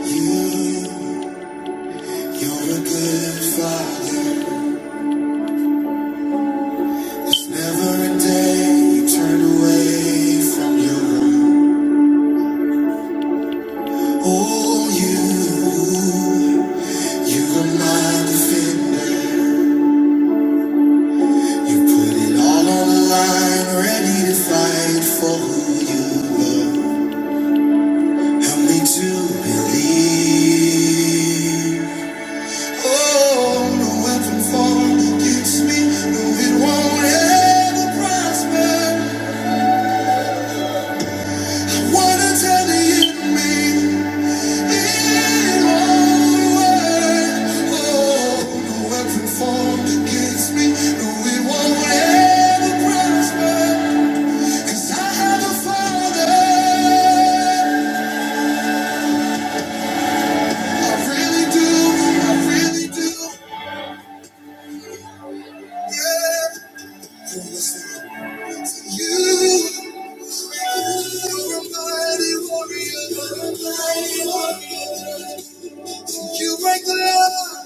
You, you're a good father. There's never a day you turn away from your own. Oh, you, you're my defender. You put it all on the line, ready to fight for who you love. Help me to believe. Oh, no weapon formed against me, no, it won't ever prosper. Wanna tell you to me in one Oh, no weapon formed against me. No, it won't ever prosper. 'Cause I have a father. I really do, I really do. Yeah. Who listens to you? You're a mighty warrior. You break the law.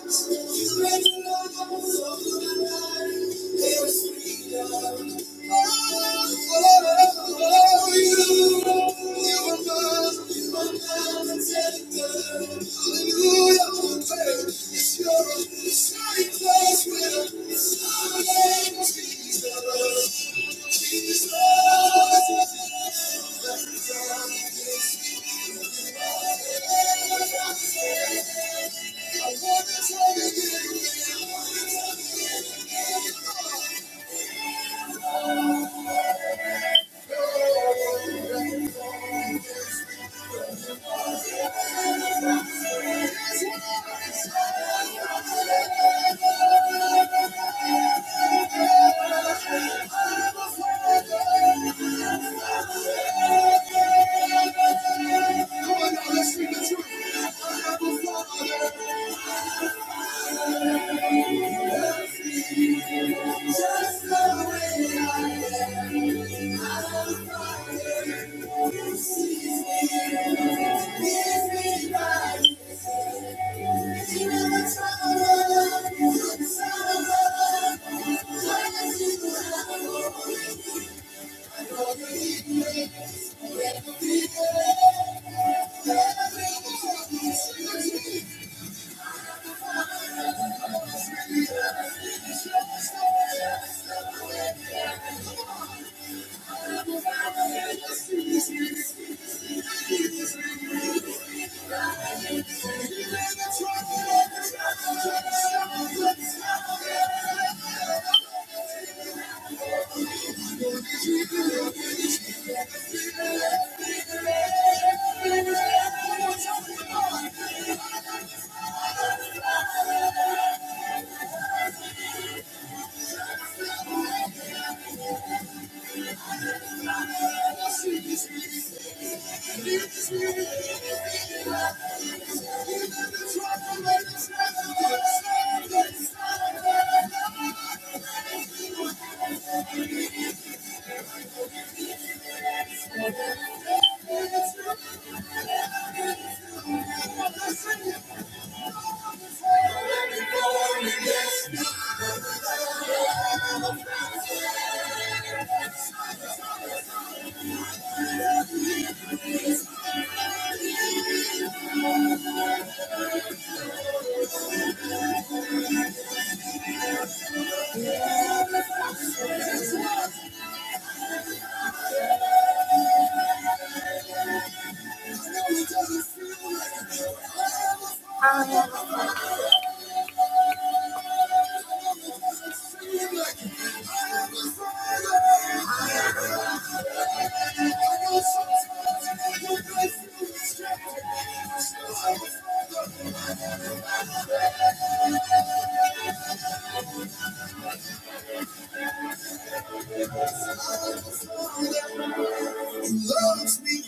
loves me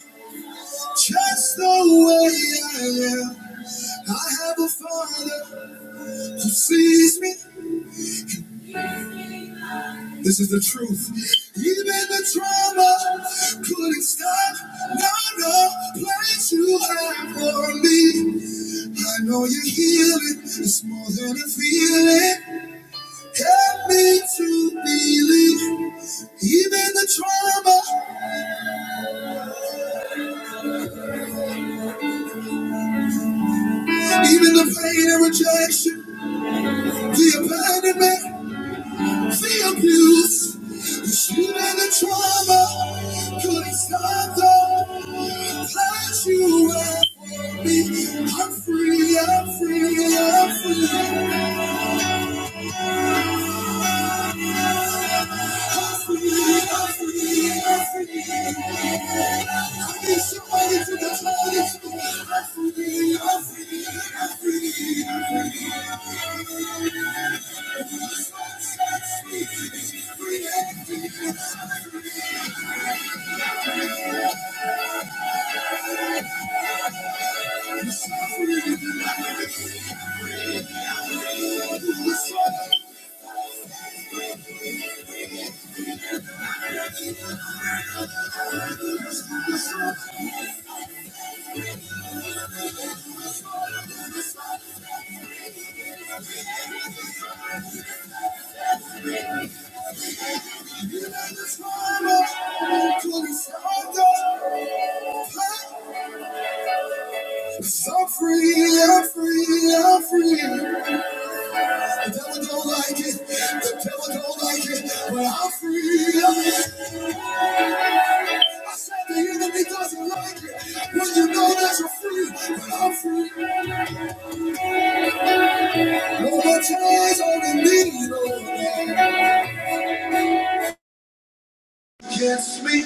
just the way I am. I have a father who sees me. This is the truth. Even the trauma couldn't stop. No, no, place you have for me. I know you heal it. It's more than a feeling. Help me to believe. Even the trauma, even the pain and rejection, the abandonment. the abuse, the shit and the trauma couldn't stop the flash you had for me. I'm free, I'm free, I'm free. The shit and the trauma couldn't stop the flash. I'm free, I'm free, I'm free. The devil don't like it, the devil don't like it, but I'm free. I'm free. The enemy doesn't like it when you know that you're free, but I'm free. Don't put your eyes on the need, oh, Kiss me.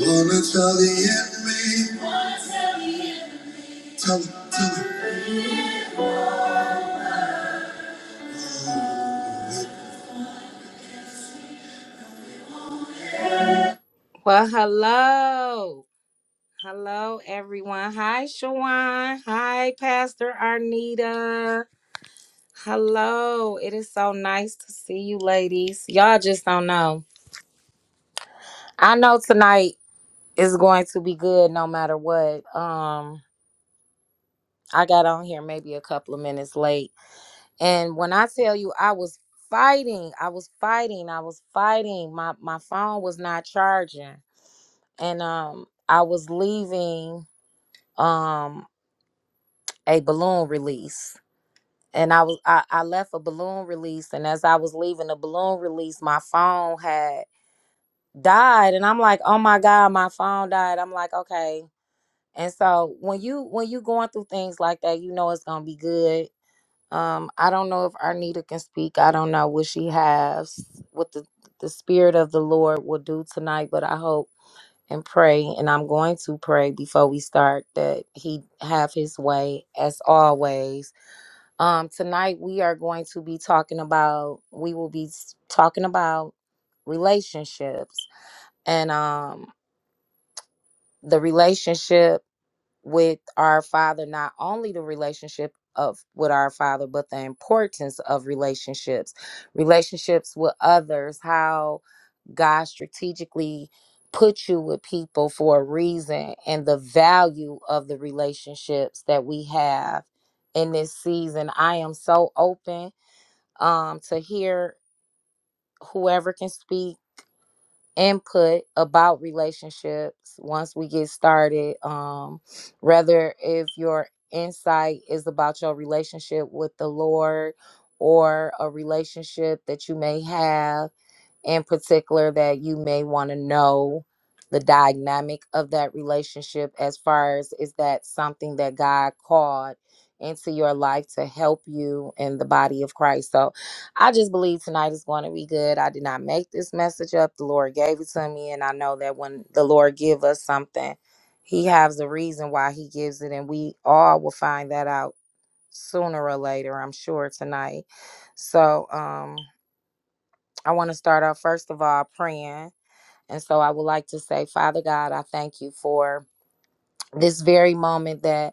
Wanna tell the enemy. Tell him, tell him. Well, hello. Hello, everyone. Hi, Shawan. Hi, Pastor Arnita. Hello. It is so nice to see you, ladies. Y'all just don't know. I know tonight is going to be good no matter what. Um, I got on here maybe a couple of minutes late And when I tell you I was fighting, I was fighting, I was fighting. My my phone was not charging. And um I was leaving um a balloon release. And I was I, I left a balloon release and as I was leaving the balloon release, my phone had died and I'm like, "Oh my god, my phone died." I'm like, "Okay." And so when you when you going through things like that, you know it's going to be good Um, I don't know if Arnita can speak. I don't know what she has, what the, the Spirit of the Lord will do tonight, but I hope and pray, and I'm going to pray before we start that He have His way as always. Um, tonight we are going to be talking about, we will be s- talking about relationships and um, the relationship with our father not only the relationship of with our father but the importance of relationships relationships with others how god strategically put you with people for a reason and the value of the relationships that we have in this season i am so open um to hear whoever can speak input about relationships once we get started um whether if your insight is about your relationship with the lord or a relationship that you may have in particular that you may want to know the dynamic of that relationship as far as is that something that God called into your life to help you in the body of Christ. So I just believe tonight is going to be good. I did not make this message up. The Lord gave it to me and I know that when the Lord give us something, he has a reason why he gives it and we all will find that out sooner or later, I'm sure tonight. So um I want to start off, first of all, praying. And so I would like to say, Father God, I thank you for this very moment that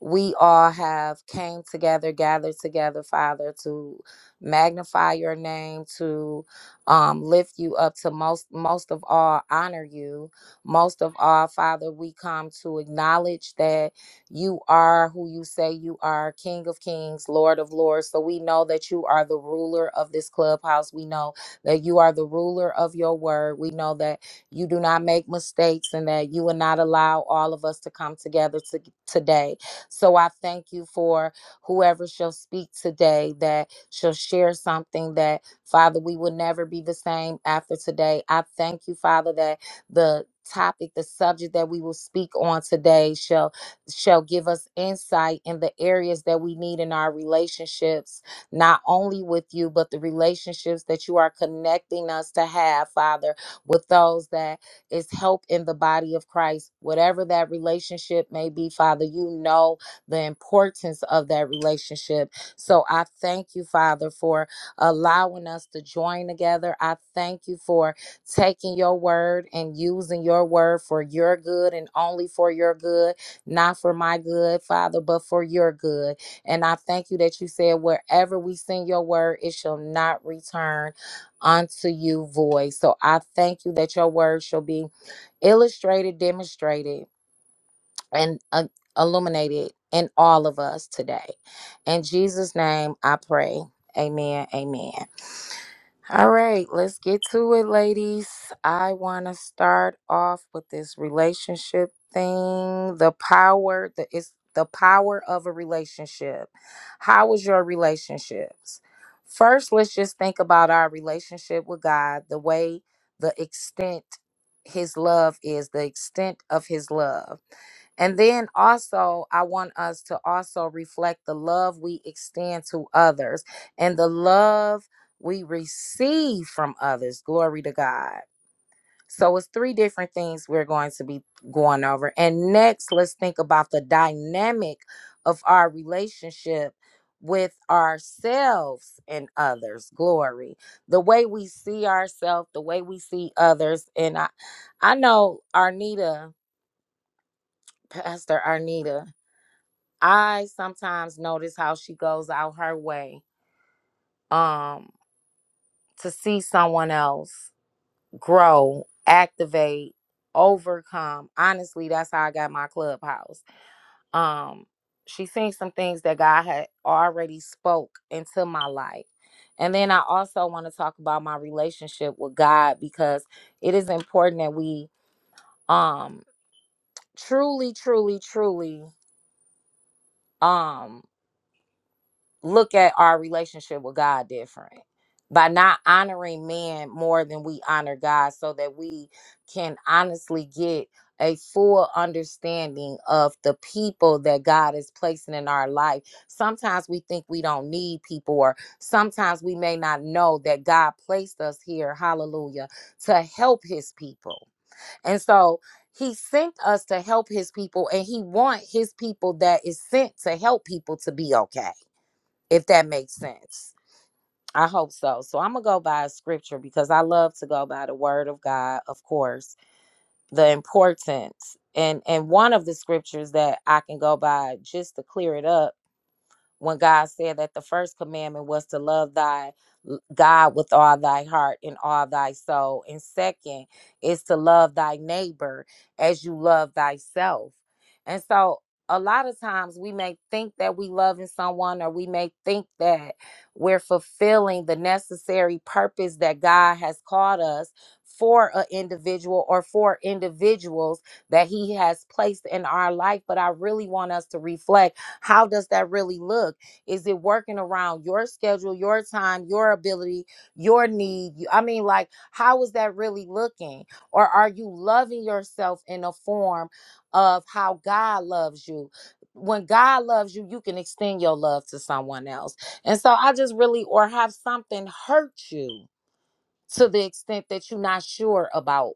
we all have came together gathered together father to magnify your name to um, lift you up to most most of all honor you most of all father we come to acknowledge that you are who you say you are king of kings lord of lords so we know that you are the ruler of this clubhouse we know that you are the ruler of your word we know that you do not make mistakes and that you will not allow all of us to come together to, today so I thank you for whoever shall speak today that shall share something that, Father, we will never be the same after today. I thank you, Father, that the topic the subject that we will speak on today shall shall give us insight in the areas that we need in our relationships not only with you but the relationships that you are connecting us to have father with those that is help in the body of christ whatever that relationship may be father you know the importance of that relationship. So I thank you, Father, for allowing us to join together. I thank you for taking your word and using your word for your good and only for your good, not for my good, Father, but for your good. And I thank you that you said, wherever we send your word, it shall not return unto you void. So I thank you that your word shall be illustrated, demonstrated and uh, illuminate in all of us today. In Jesus' name, I pray. Amen. Amen. All right, let's get to it, ladies. I want to start off with this relationship thing. The power, the it's the power of a relationship. How is your relationships? First, let's just think about our relationship with God, the way, the extent his love is, the extent of his love. And then also, I want us to also reflect the love we extend to others and the love we receive from others. Glory to God. So, it's three different things we're going to be going over. And next, let's think about the dynamic of our relationship with ourselves and others. Glory. The way we see ourselves, the way we see others. And I, I know Arnita, Pastor Arnita. I sometimes notice how she goes out her way um to see someone else grow, activate, overcome. Honestly, that's how I got my clubhouse. Um she seen some things that God had already spoke into my life. And then I also want to talk about my relationship with God because it is important that we um truly truly truly um look at our relationship with God different by not honoring men more than we honor God so that we can honestly get a full understanding of the people that God is placing in our life. Sometimes we think we don't need people, or sometimes we may not know that God placed us here, hallelujah, to help his people. And so he sent us to help his people, and he want his people that is sent to help people to be okay if that makes sense. I hope so. So I'm going to go by a scripture because I love to go by the word of God, of course, the importance. And and one of the scriptures that I can go by just to clear it up when God said that the first commandment was to love thy l- God with all thy heart and all thy soul. And second is to love thy neighbor as you love thyself. And so a lot of times we may think that we loving someone or we may think that we're fulfilling the necessary purpose that God has called us for an individual or for individuals that he has placed in our life but I really want us to reflect how does that really look is it working around your schedule your time your ability your need You- i mean like how is that really looking or are you loving yourself in a form of how god loves you when god loves you you can extend your love to someone else and so i just really or have something hurt you to the extent that you're not sure about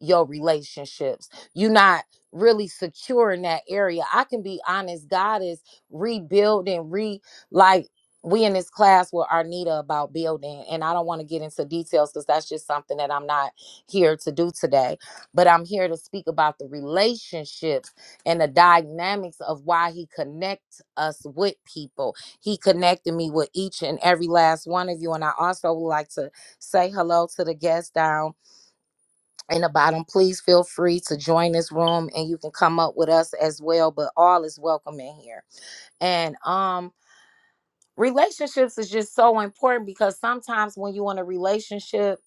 your relationships. You're not really secure in that area. I can be honest, God is rebuilding, re like we in this class with Arnita about building, and I don't want to get into details because that's just something that I'm not here to do today. But I'm here to speak about the relationships and the dynamics of why He connects us with people. He connected me with each and every last one of you, and I also would like to say hello to the guests down in the bottom. Please feel free to join this room and you can come up with us as well. But all is welcome in here. And um relationships is just so important because sometimes when you in a relationship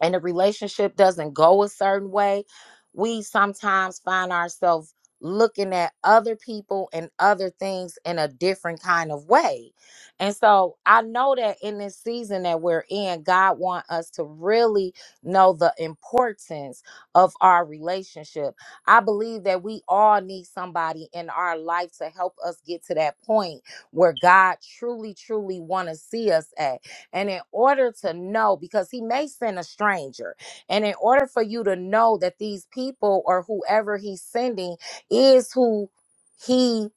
and the relationship doesn't go a certain way, we sometimes find ourselves looking at other people and other things in a different kind of way. And so I know that in this season that we're in, God wants us to really know the importance of our relationship. I believe that we all need somebody in our life to help us get to that point where God truly truly want to see us at. And in order to know, because he may send a stranger, and in order for you to know that these people or whoever he's sending is who he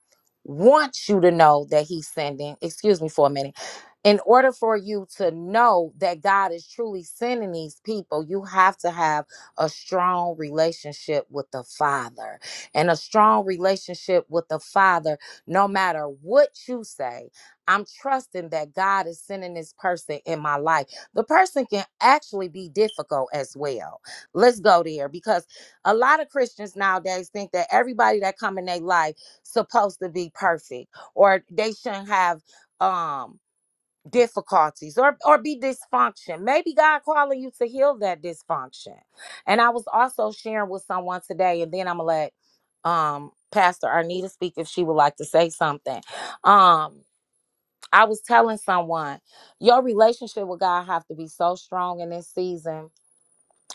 wants you to know that he's sending, excuse me for a minute. In order for you to know that God is truly sending these people, you have to have a strong relationship with the Father. And a strong relationship with the Father, no matter what you say I'm trusting that God is sending this person in my life. The person can actually be difficult as well. Let's go there because a lot of Christians nowadays think that everybody that come in their life supposed to be perfect or they shouldn't have um difficulties or or be dysfunction. Maybe God calling you to heal that dysfunction. And I was also sharing with someone today and then I'm going to let um Pastor Arnita speak if she would like to say something. Um I was telling someone, your relationship with God have to be so strong in this season.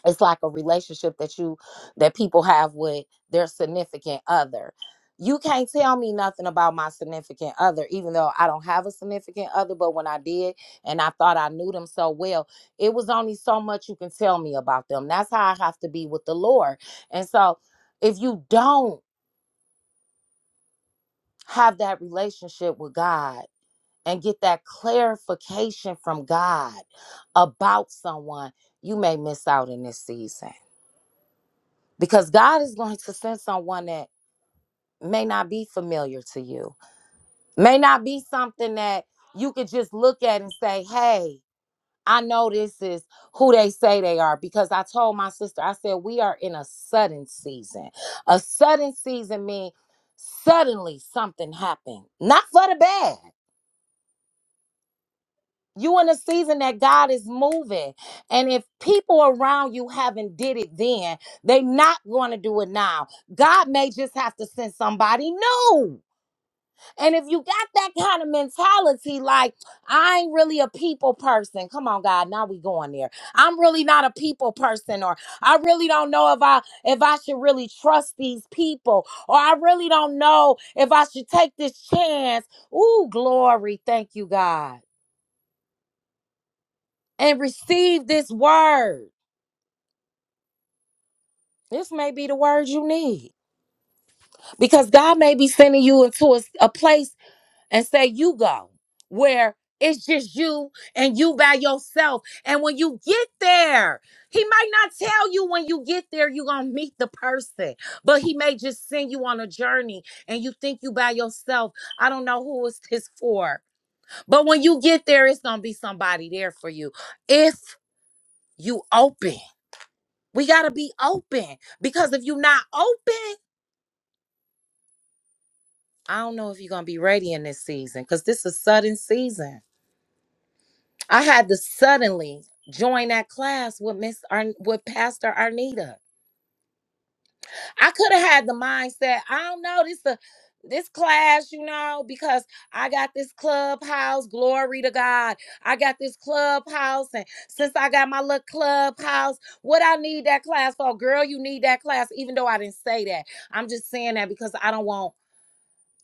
It's like a relationship that you that people have with their significant other. You can't tell me nothing about my significant other, even though I don't have a significant other. But when I did, and I thought I knew them so well, it was only so much you can tell me about them. That's how I have to be with the Lord. And so, if you don't have that relationship with God, and get that clarification from God about someone, you may miss out in this season. Because God is going to send someone that may not be familiar to you, may not be something that you could just look at and say, hey, I know this is who they say they are because I told my sister, I said, we are in a sudden season. A sudden season means suddenly something happened, not for the bad You in a season that God is moving. And if people around you haven't did it then, they not going to do it now. God may just have to send somebody new. And if you got that kind of mentality, like, I ain't really a people person. Come on, God, now we going there. I'm really not a people person, or I really don't know if I if I should really trust these people, or I really don't know if I should take this chance. Ooh, glory. Thank you, God and receive this word. This may be the word you need because God may be sending you into a, a place and say, You go where it's just you and you by yourself. And when you get there, He might not tell you when you get there, you're going to meet the person, but He may just send you on a journey and you think you by yourself. I don't know who is this for, but when you get there, it's going to be somebody there for you if you open. We got to be open because if you're not open, I don't know if you're going to be ready in this season because this is sudden season. I had to suddenly join that class with Miss Ar, with Pastor Arnita. I could have had the mindset, I don't know, this the this class, you know, because I got this clubhouse, glory to God. I got this clubhouse, and since I got my little clubhouse, what I need that class for, girl, you need that class, even though I didn't say that. I'm just saying that because I don't want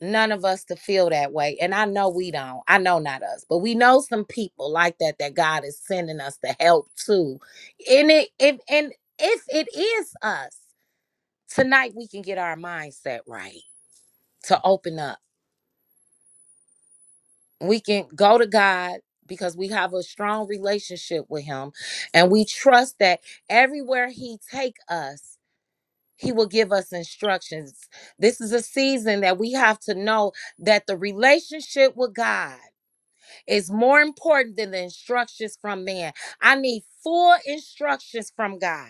none of us to feel that way. And I know we don't. I know not us, but we know some people like that that God is sending us to help too. And it if and if it is us, tonight we can get our mindset right to open up. We can go to God because we have a strong relationship with him and we trust that everywhere he take us he will give us instructions this is a season that we have to know that the relationship with god is more important than the instructions from man. I need full instructions from God.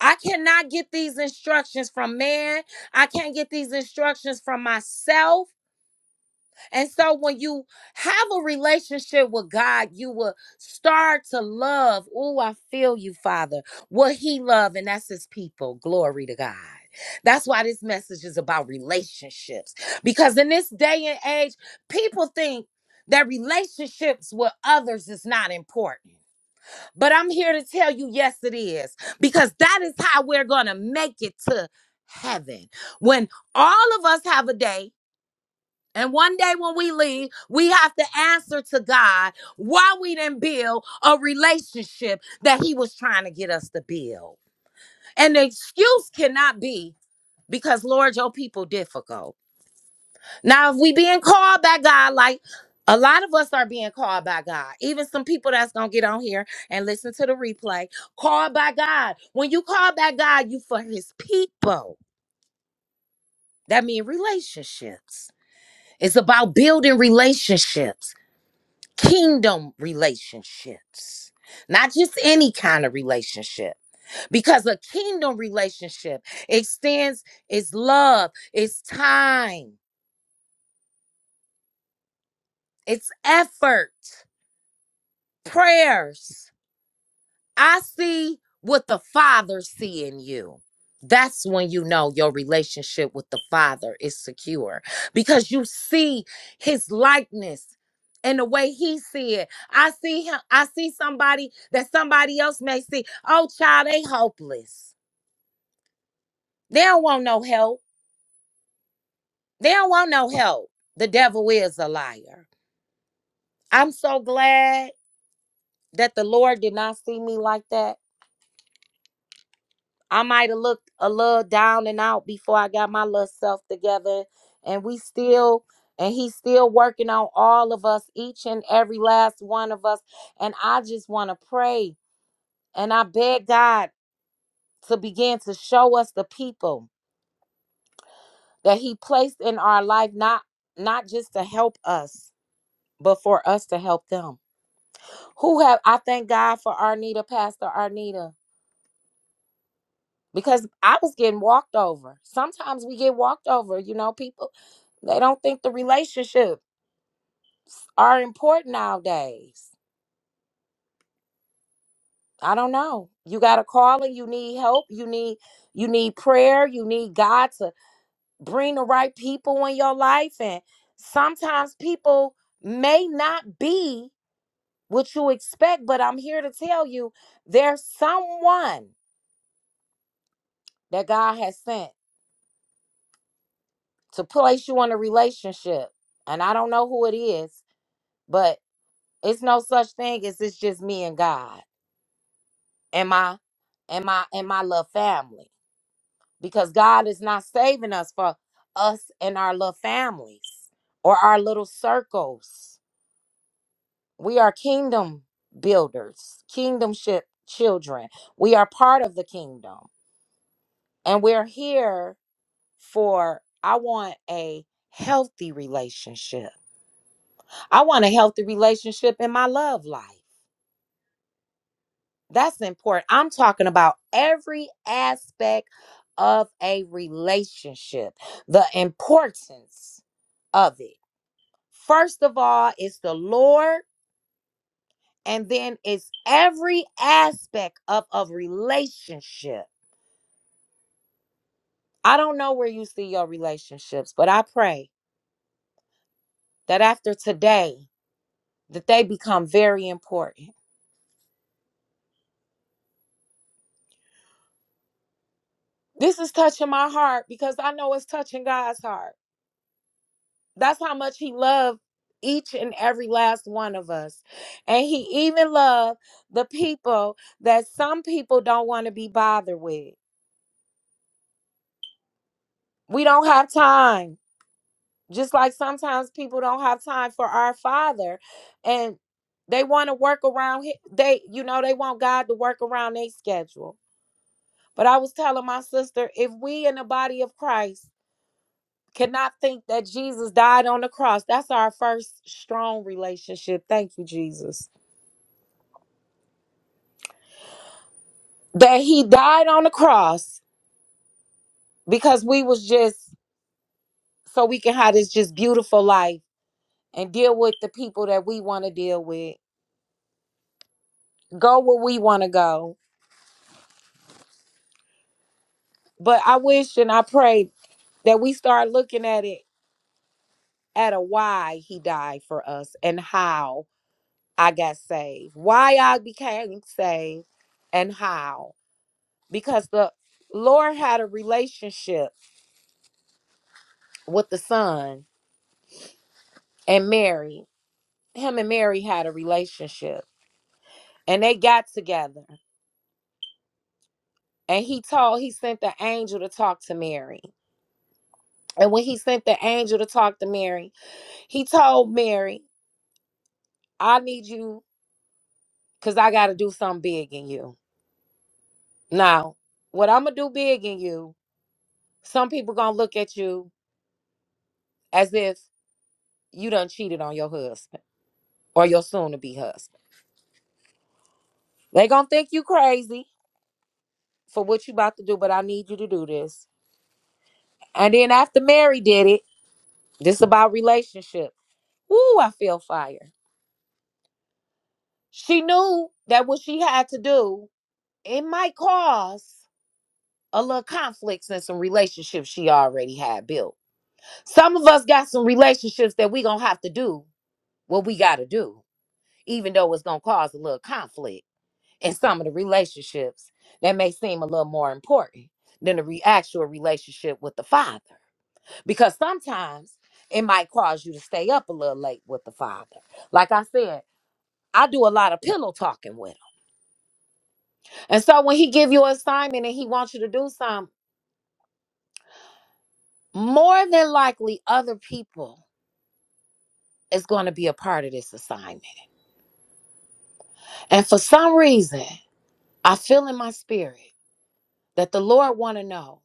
I cannot get these instructions from man. I can't get these instructions from myself. And so when you have a relationship with God, you will start to love. Oh, I feel you, Father. What he loved, and that's his people. Glory to God. That's why this message is about relationships. Because in this day and age, people think that relationships with others is not important. But I'm here to tell you, yes, it is. Because that is how we're going to make it to heaven. When all of us have a day and one day when we leave, we have to answer to God why we didn't build a relationship that He was trying to get us to build. And the excuse cannot be because, Lord, your people difficult. Now, if we being called by God, like a lot of us are being called by God, even some people that's gonna get on here and listen to the replay, called by God. When you call by God, you for His people. That means relationships. It's about building relationships. kingdom relationships, not just any kind of relationship, because a kingdom relationship extends its love, its time, its effort, prayers. I see what the Father see in you. That's when you know your relationship with the Father is secure because you see his likeness and the way he see it. I see him, I see somebody that somebody else may see. Oh, child, they hopeless. They don't want no help. They don't want no help. The devil is a liar. I'm so glad that the Lord did not see me like that I might have looked a little down and out before I got my little self together. And we still, and he's still working on all of us, each and every last one of us. And I just want to pray and I beg God to begin to show us the people that he placed in our life, not not just to help us, but for us to help them. Who have I thank God for Arnita, Pastor Arnita. because I was getting walked over. Sometimes we get walked over, you know, people they don't think the relationships are important nowadays. I don't know. You got a calling, you need help, you need you need prayer, you need God to bring the right people in your life and sometimes people may not be what you expect, but I'm here to tell you there's someone that God has sent to place you in a relationship. And I don't know who it is, but. It's no such thing as it's just me and God and my and my and my love family. Because God is not saving us for us and our love families or our little circles. We are kingdom builders, kingdomship children. We are part of the kingdom. And we're here for I want a healthy relationship. I want a healthy relationship in my love life. That's important. I'm talking about every aspect of a relationship, the importance of it. First of all, it's the Lord, and then it's every aspect of a relationship. I don't know where you see your relationships, but I pray that after today, that they become very important. This is touching my heart because I know it's touching God's heart. That's how much he loved each and every last one of us. And he even loved the people that some people don't want to be bothered with. We don't have time. Just like sometimes people don't have time for our father and they want to work around hi- they you know they want God to work around their schedule. But I was telling my sister if we in the body of Christ cannot think that Jesus died on the cross, that's our first strong relationship. Thank you Jesus that he died on the cross because we was just so we can have this just beautiful life and deal with the people that we want to deal with go where we want to go but i wish and i pray that we start looking at it at a why he died for us and how i got saved why i became saved and how because the lord had a relationship with the son and mary him and mary had a relationship and they got together and he told he sent the angel to talk to mary and when he sent the angel to talk to mary he told mary i need you because i gotta do something big in you now what i'm gonna do big in you some people gonna look at you as if you done cheated on your husband or your soon-to-be husband they gonna think you crazy for what you about to do but i need you to do this and then after mary did it this about relationship Woo, I feel fire. She knew that what she had to do, it might cause a little conflicts in some relationships she already had built. Some of us got some relationships that we gonna have to do what we gotta do, even though it's gonna cause a little conflict in some of the relationships that may seem a little more important than the re- actual relationship with the father. Because sometimes it might cause you to stay up a little late with the father. Like I said, I do a lot of pillow talking with him And so when he give you an assignment and he wants you to do something, more than likely other people is going to be a part of this assignment. And for some reason, I feel in my spirit that the Lord want to know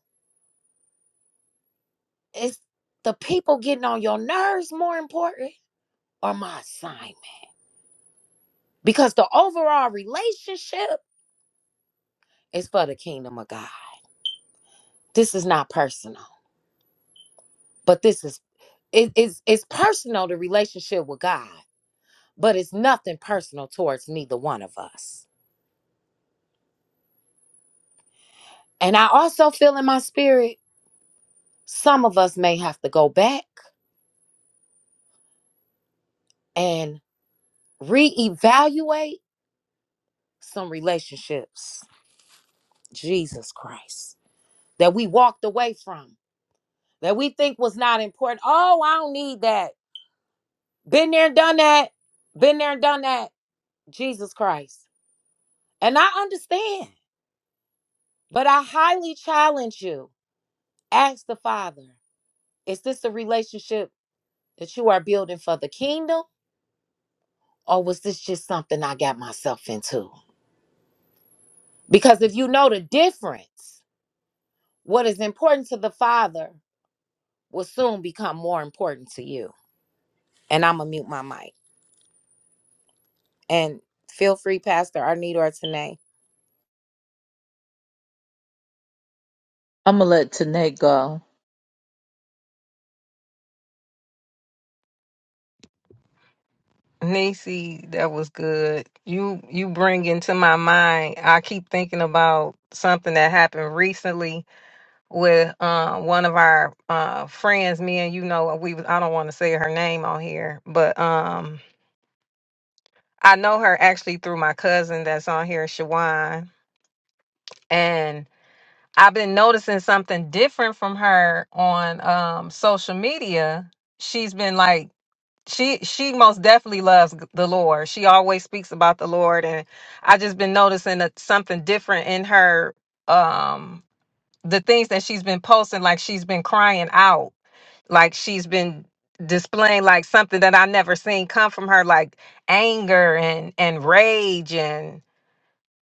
is the people getting on your nerves more important or my assignment? Because the overall relationship is for the kingdom of God. This is not personal, but this is it is it's personal the relationship with God, but it's nothing personal towards neither one of us. And I also feel in my spirit, some of us may have to go back and reevaluate some relationships. Jesus Christ. That we walked away from, that we think was not important. Oh, I don't need that. Been there and done that. Been there and done that. Jesus Christ. And I understand, but I highly challenge you. Ask the Father, is this a relationship that you are building for the kingdom? Or was this just something I got myself into? Because if you know the difference, what is important to the father will soon become more important to you. And I'm gonna mute my mic. And feel free, Pastor Arnita or Tanae. I'm gonna let Tanae go. Nisi, that was good. You you bring into my mind. I keep thinking about something that happened recently with uh, one of our uh, friends. Me and you know we. was- I don't want to say her name on here, but um, I know her actually through my cousin that's on here, Shawan, and I've been noticing something different from her on um, social media. She's been like she she most definitely loves the Lord. She always speaks about the Lord, and I just been noticing that something different in her. Um, the things that she's been posting, like she's been crying out, like she's been displaying like something that I never seen come from her, like anger and and rage and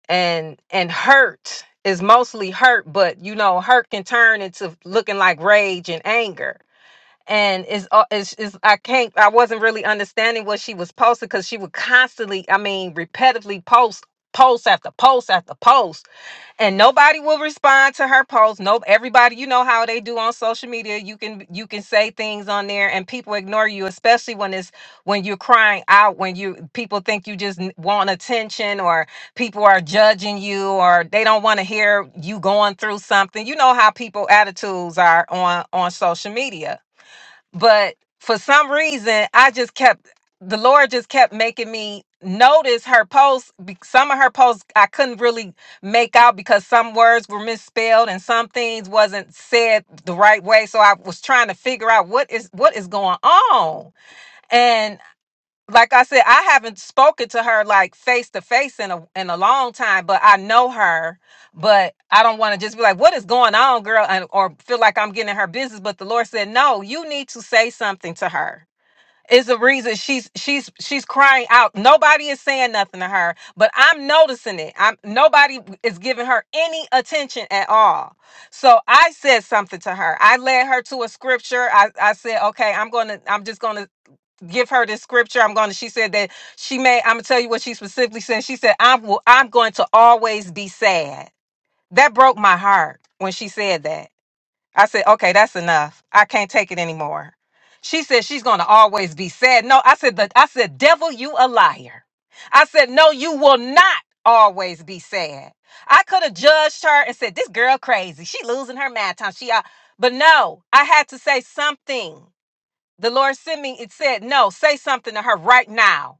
and and hurt is mostly hurt, but you know hurt can turn into looking like rage and anger and is uh, is is I can't I wasn't really understanding what she was posting because she would constantly I mean repetitively post post after post after post and nobody will respond to her post nope everybody you know how they do on social media you can you can say things on there and people ignore you especially when it's when you're crying out when you people think you just n- want attention or people are judging you or they don't want to hear you going through something you know how people attitudes are on on social media but for some reason i just kept the lord just kept making me notice her posts be- some of her posts i couldn't really make out because some words were misspelled and some things wasn't said the right way so i was trying to figure out what is what is going on like I said, I haven't spoken to her like face to face in a in a long time, but I know her. But I don't want to just be like, "What is going on, girl?" and or feel like I'm getting in her business. But the Lord said, "No, you need to say something to her." Is the reason she's she's she's crying out. Nobody is saying nothing to her, but I'm noticing it. I'm nobody is giving her any attention at all. So I said something to her. I led her to a scripture. I, I said, okay, I'm gonna, I'm just gonna give her the scripture. I'm going to, she said that she may, I'm going to tell you what she specifically said. She said, I'm, will, I'm going to always be sad. That broke my heart when she said that. I said, okay, that's enough. I can't take it anymore. She said she's going to always be sad. No, I said, the, I said, devil, you a liar. I said, no, you will not always be sad. I could have judged her and said, this girl crazy. She losing her mad time. She, uh, but no, I had to say something the Lord sent me. It said, "No, say something to her right now."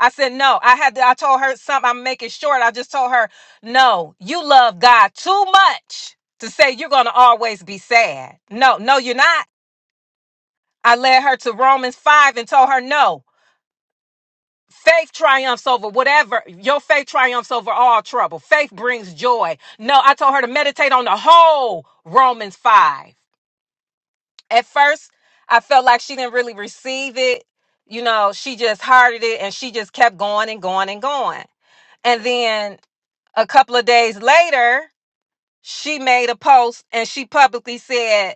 I said, "No." I had. To, I told her something. I'm making short. I just told her, "No, you love God too much to say you're gonna always be sad. No, no, you're not." I led her to Romans five and told her, "No." Faith triumphs over whatever. Your faith triumphs over all trouble. Faith brings joy. No, I told her to meditate on the whole Romans 5. at first I felt like she didn't really receive it. You know, she just hearted it and she just kept going and going and going. And then a couple of days later, she made a post and she publicly said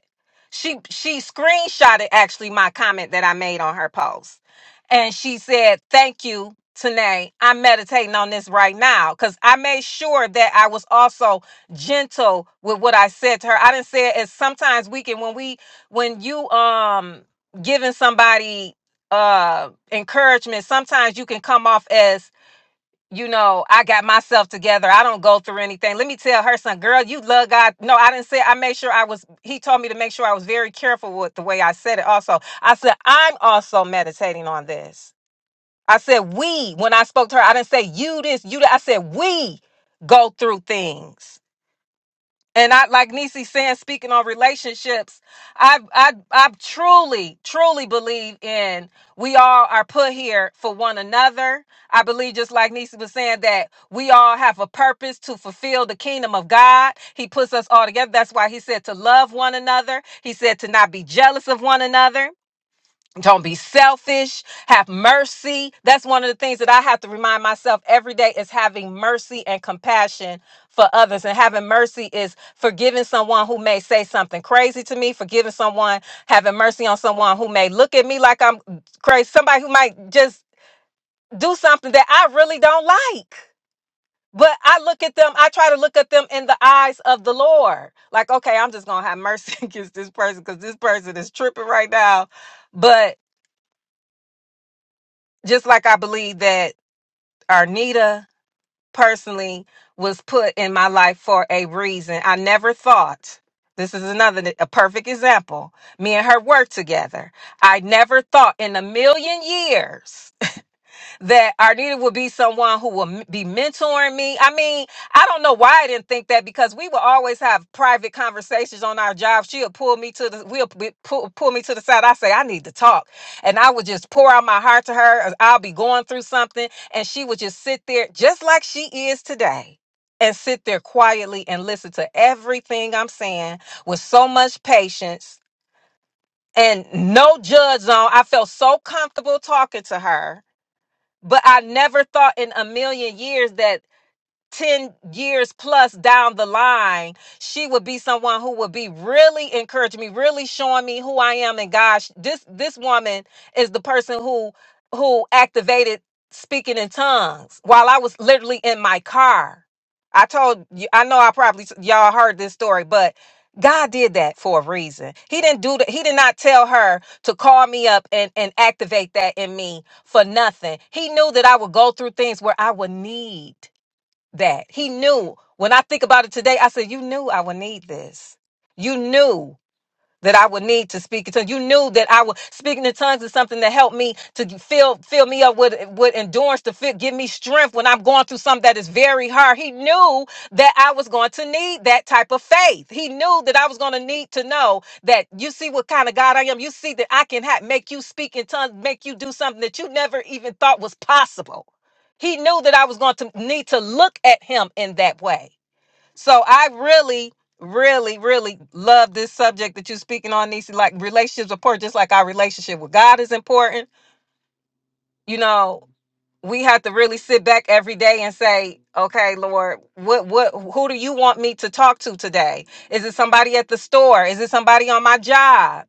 she she screenshotted actually my comment that I made on her post. And she said, Thank you, Tanae. I'm meditating on this right now. Cause I made sure that I was also gentle with what I said to her. I didn't say it as sometimes we can when we when you um giving somebody uh encouragement, sometimes you can come off as you know, I got myself together. I don't go through anything. Let me tell her son, girl, you love God. No, I didn't say I made sure I was he told me to make sure I was very careful with the way I said it also. I said, I'm also meditating on this. I said we when I spoke to her, I didn't say you this, you that I said we go through things. And I like Nisi saying, speaking on relationships, I I I truly, truly believe in we all are put here for one another. I believe just like Nisi was saying that we all have a purpose to fulfill the kingdom of God. He puts us all together. That's why he said to love one another. He said to not be jealous of one another. Don't be selfish. Have mercy. That's one of the things that I have to remind myself every day is having mercy and compassion for others. And having mercy is forgiving someone who may say something crazy to me, forgiving someone, having mercy on someone who may look at me like I'm crazy, somebody who might just do something that I really don't like. But I look at them, I try to look at them in the eyes of the Lord. Like, okay, I'm just going to have mercy against this person because this person is tripping right now. But just like I believe that Arnita personally was put in my life for a reason. I never thought this is another a perfect example. Me and her worked together. I never thought in a million years that Arnita would be someone who will m- be mentoring me. I mean, I don't know why I didn't think that because we would always have private conversations on our job. She'll pull me to the we'll p- pull, pull me to the side. I say I need to talk, and I would just pour out my heart to her. I'll be going through something, and she would just sit there, just like she is today. And sit there quietly and listen to everything I'm saying with so much patience and no judge zone. I felt so comfortable talking to her but I never thought in a million years that 10 years plus down the line, she would be someone who would be really encouraging me, really showing me who I am and gosh, This this woman is the person who who activated speaking in tongues while I was literally in my car. I told you I know I probably y'all heard this story, but God did that for a reason. He didn't do that. He did not tell her to call me up and, and activate that in me for nothing. He knew that I would go through things where I would need that. He knew. When I think about it today, I said, You knew I would need this. You knew that I would need to speak in tongues. You knew that I would speaking in tongues is something that helped me to fill fill me up with with endurance to fit give me strength when I'm going through something that is very hard. He knew that I was going to need that type of faith. He knew that I was going to need to know that you see what kind of God I am. You see that I can ha- make you speak in tongues, make you do something that you never even thought was possible. He knew that I was going to need to look at him in that way. So I really, really, really love this subject that you're speaking on, Nisi. Like relationships are important, just like our relationship with God is important. You know, we have to really sit back every day and say, okay, Lord, what what who do you want me to talk to today? Is it somebody at the store? Is it somebody on my job?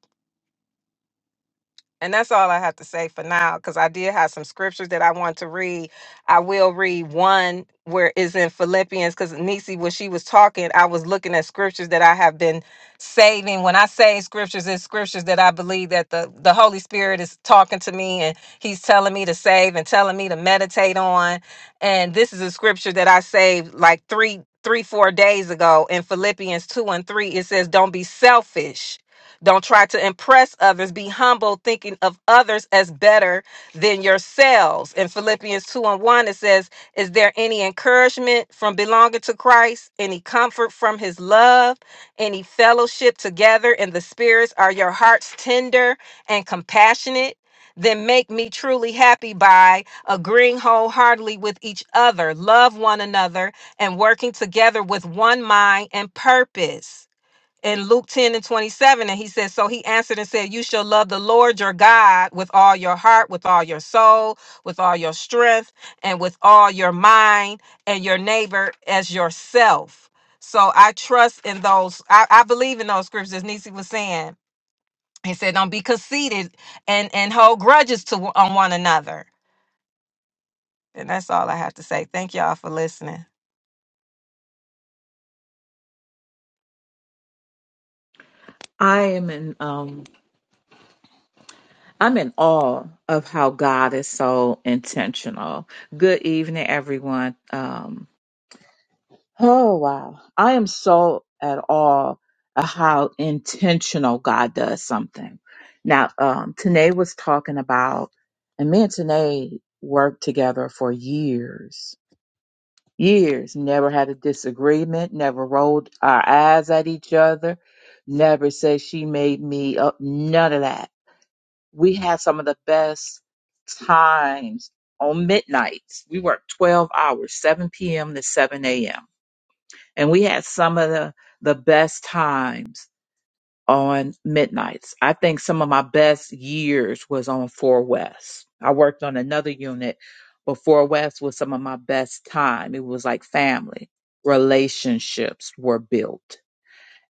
And that's all I have to say for now, because I did have some scriptures that I want to read. I will read one where is in Philippians, because Nisi, when she was talking, I was looking at scriptures that I have been saving. When I say scriptures, it's scriptures that I believe that the, the Holy Spirit is talking to me and he's telling me to save and telling me to meditate on. And this is a scripture that I saved like three, three, four days ago in Philippians 2 and 3. It says, Don't be selfish don't try to impress others. Be humble, thinking of others as better than yourselves. In Philippians 2 and 1, it says, Is there any encouragement from belonging to Christ? Any comfort from his love? Any fellowship together in the spirits? Are your hearts tender and compassionate? Then make me truly happy by agreeing wholeheartedly with each other, love one another, and working together with one mind and purpose in Luke 10 and 27. And he says, So he answered and said, You shall love the Lord your God with all your heart, with all your soul, with all your strength, and with all your mind, and your neighbor as yourself. So I trust in those, I, I believe in those scriptures, as Nisi was saying. He said, Don't be conceited and, and hold grudges to on one another. And that's all I have to say. Thank y'all for listening. I am in um I'm in awe of how God is so intentional. Good evening, everyone. Um oh wow. I am so at awe of how intentional God does something. Now um Tanae was talking about and me and Tanae worked together for years years, never had a disagreement, never rolled our eyes at each other, never said she made me up, none of that. We had some of the best times on midnights. We worked 12 hours, 7 p.m. to 7 a.m. And we had some of the, the best times on midnights. I think some of my best years was on Four West. I worked on another unit, but Four West was some of my best time. It was like family. Relationships were built.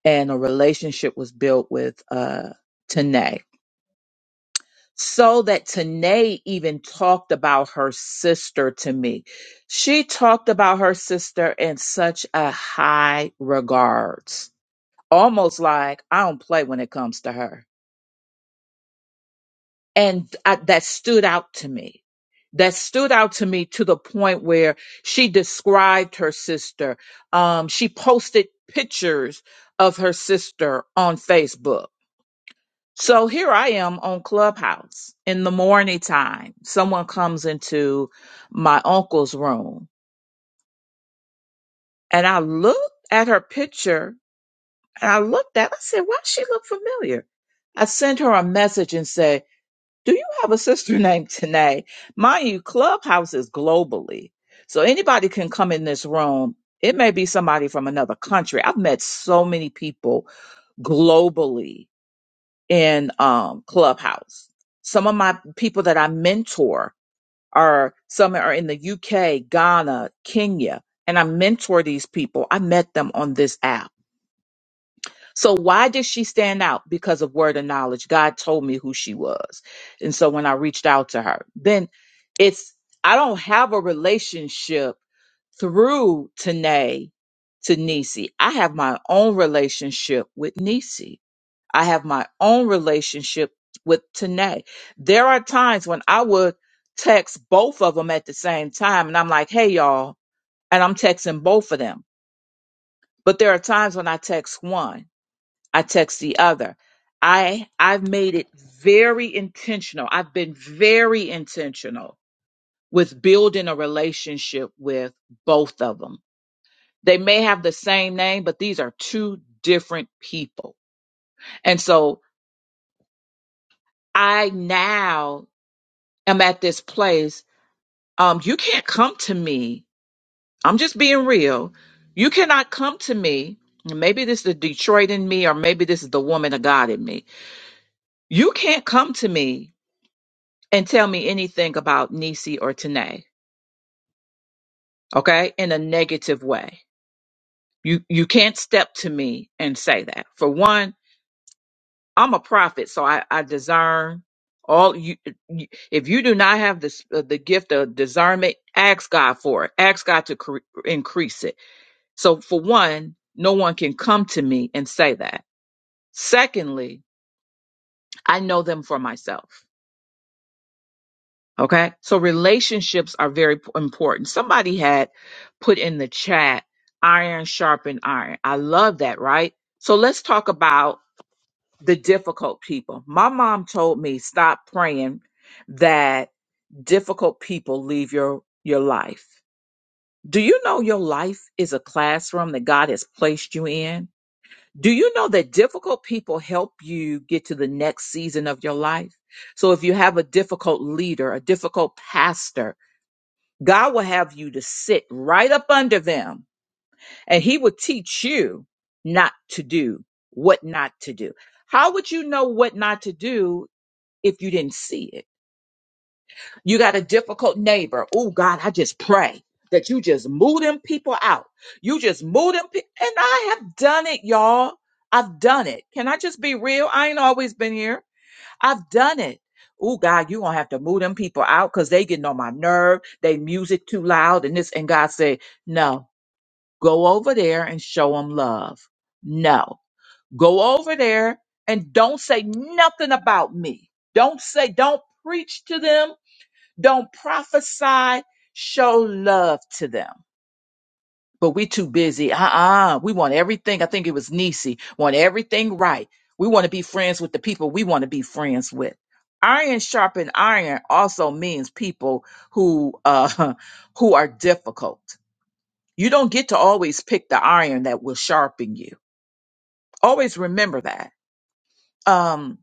And a relationship was built with uh Tanae. So that Tanae even talked about her sister to me. She talked about her sister in such a high regards. Almost like I don't play when it comes to her and I, that stood out to me that stood out to me to the point where she described her sister um, she posted pictures of her sister on facebook so here i am on clubhouse in the morning time someone comes into my uncle's room and i looked at her picture and i looked at i said why she look familiar i sent her a message and said Do you have a sister named Tanae? Mind you, Clubhouse is globally. So anybody can come in this room. It may be somebody from another country. I've met so many people globally in um, Clubhouse. Some of my people that I mentor are some are in the UK, Ghana, Kenya, and I mentor these people. I met them on this app so why did she stand out? Because of word of knowledge. God told me who she was. And so when I reached out to her, then it's I don't have a relationship through Tanae to Nisi. I have my own relationship with Nisi. I have my own relationship with Tanae. There are times when I would text both of them at the same time and I'm like, hey y'all, and I'm texting both of them. But there are times when I text one I text the other. I I've made it very intentional. I've been very intentional with building a relationship with both of them. They may have the same name, but these are two different people. And so I now am at this place. Um, you can't come to me. I'm just being real. You cannot come to me. Maybe this is the Detroit in me, or maybe this is the woman of God in me. You can't come to me and tell me anything about Nisi or Tanae, okay? In a negative way. You you can't step to me and say that. For one, I'm a prophet, so I, I discern all you, you if you do not have this uh, the gift of discernment ask god for it ask god to cre- increase it so for one no one can come to me and say that secondly i know them for myself Okay. So relationships are very p- important. Somebody had put in the chat iron sharpen iron. I love that, right? So let's talk about the difficult people. My mom told me stop praying that difficult people leave your your life. Do you know your life is a classroom that God has placed you in? Do you know that difficult people help you get to the next season of your life? So if you have a difficult leader, a difficult pastor, God will have you to sit right up under them and he will teach you not to do what not to do. How would you know what not to do if you didn't see it? You got a difficult neighbor. Oh God, I just pray that you just move them people out. You just move them. Pe- and I have done it, y'all. I've done it. Can I just be real? I ain't always been here. I've done it. Oh God, you gonna have to move them people out because they getting on my nerve. They music too loud and this and God said, no, go over there and show them love. No, go over there and don't say nothing about me. Don't say, don't preach to them. Don't prophesy. Show love to them but we too busy. Uh-uh. We want everything. I think it was Nisi. Want everything right. We want to be friends with the people we want to be friends with. Iron sharpened iron also means people who uh who are difficult. You don't get to always pick the iron that will sharpen you. Always remember that. Um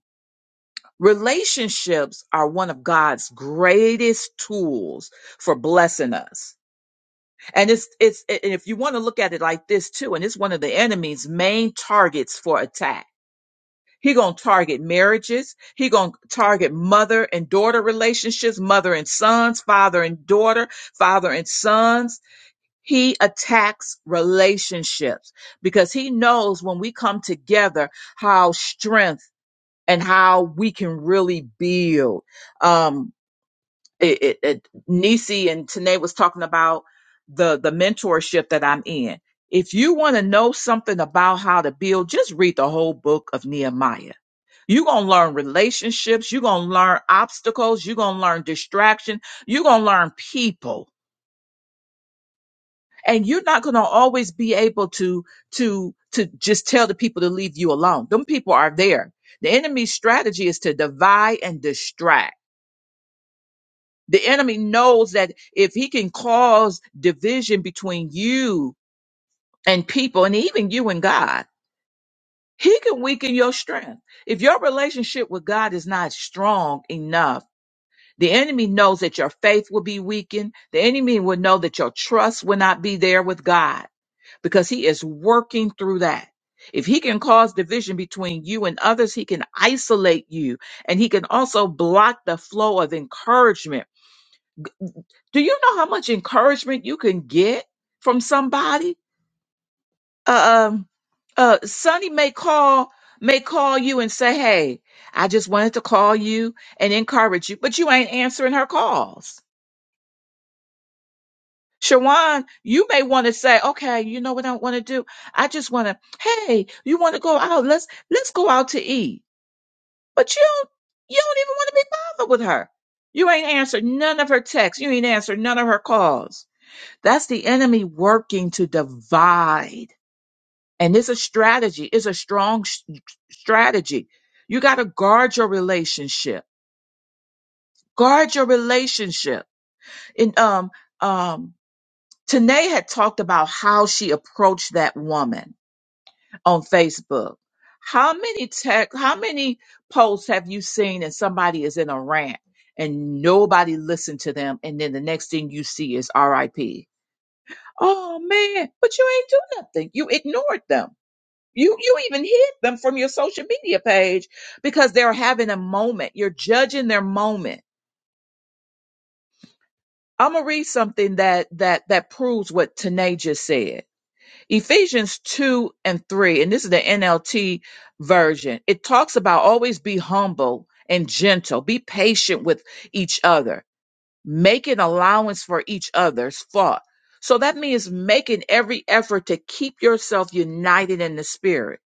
relationships are one of God's greatest tools for blessing us. And it's it's and if you want to look at it like this too, and it's one of the enemy's main targets for attack. He gonna target marriages. He gonna target mother and daughter relationships, mother and sons, father and daughter, father and sons. He attacks relationships because he knows when we come together how strength and how we can really build. Um, it, it, it Nisi and Tanae was talking about the the mentorship that I'm in. If you want to know something about how to build, just read the whole book of Nehemiah. You're going to learn relationships. You're going to learn obstacles. You're going to learn distraction. You're going to learn people. And you're not going to always be able to, to, to just tell the people to leave you alone. Them people are there. The enemy's strategy is to divide and distract The enemy knows that if he can cause division between you and people, and even you and God, he can weaken your strength. If your relationship with God is not strong enough, the enemy knows that your faith will be weakened. The enemy will know that your trust will not be there with God because he is working through that. If he can cause division between you and others, he can isolate you and he can also block the flow of encouragement Do you know how much encouragement you can get from somebody? Uh, Um, uh, Sonny may call may call you and say, "Hey, I just wanted to call you and encourage you," but you ain't answering her calls. Shawan, you may want to say, "Okay, you know what I want to do? I just want to. Hey, you want to go out? Let's let's go out to eat." But you don't you don't even want to be bothered with her. You ain't answered none of her texts. You ain't answered none of her calls. That's the enemy working to divide. And it's a strategy, it's a strong s- strategy. You got to guard your relationship. Guard your relationship. And um um Tanae had talked about how she approached that woman on Facebook. How many tech how many posts have you seen and somebody is in a rant and nobody listened to them and then the next thing you see is RIP? Oh man, but you ain't do nothing. You ignored them. You you even hid them from your social media page because they're having a moment. You're judging their moment. I'm gonna read something that that that proves what Tanae just said. Ephesians two and three, and this is the NLT version. It talks about always be humble and gentle, be patient with each other making allowance for each other's fault. So that means making every effort to keep yourself united in the spirit.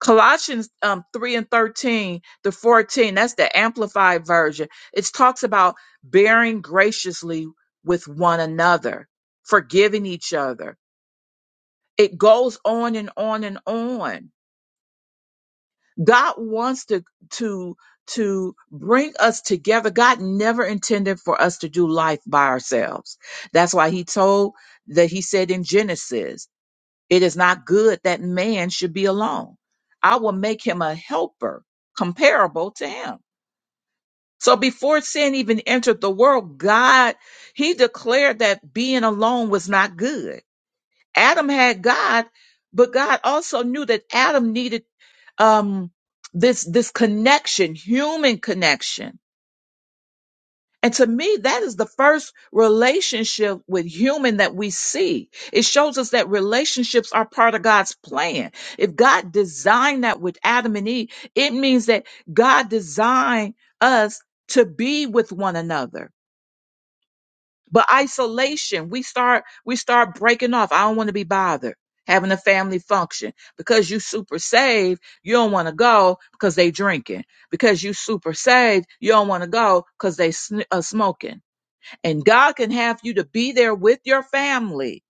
Colossians um, 3 and 13 to 14, that's the amplified version. It talks about bearing graciously with one another, forgiving each other. It goes on and on and on God wants to to to bring us together. God never intended for us to do life by ourselves. That's why he told that he said in Genesis, it is not good that man should be alone. I will make him a helper comparable to him. So before sin even entered the world, God, he declared that being alone was not good. Adam had God, but God also knew that Adam needed um, this this connection, human connection. And to me, that is the first relationship with human that we see. It shows us that relationships are part of God's plan. If God designed that with Adam and Eve, it means that God designed us to be with one another but isolation, we start we start breaking off. I don't want to be bothered having a family function because you super saved. You don't want to go because they drinking. Because you super saved, you don't want to go because they sn- uh, smoking. And God can have you to be there with your family,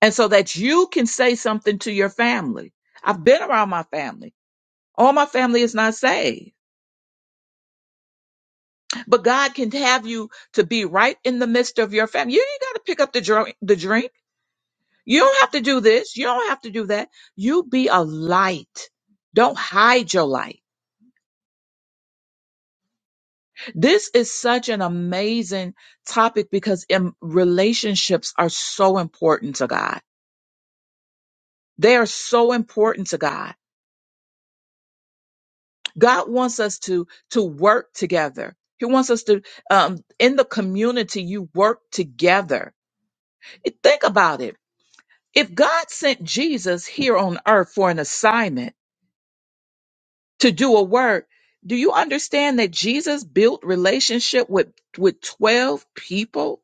and so that you can say something to your family. I've been around my family. All my family is not saved, but God can have you to be right in the midst of your family. You ain't got to pick up the drink. The drink. You don't have to do this. You don't have to do that. You be a light. Don't hide your light. This is such an amazing topic because em- relationships are so important to God. They are so important to God. God wants us to to work together. He wants us to um, in the community. You work together. Think about it. If God sent Jesus here on earth for an assignment to do a work. Do you understand that Jesus built relationship with with 12 people?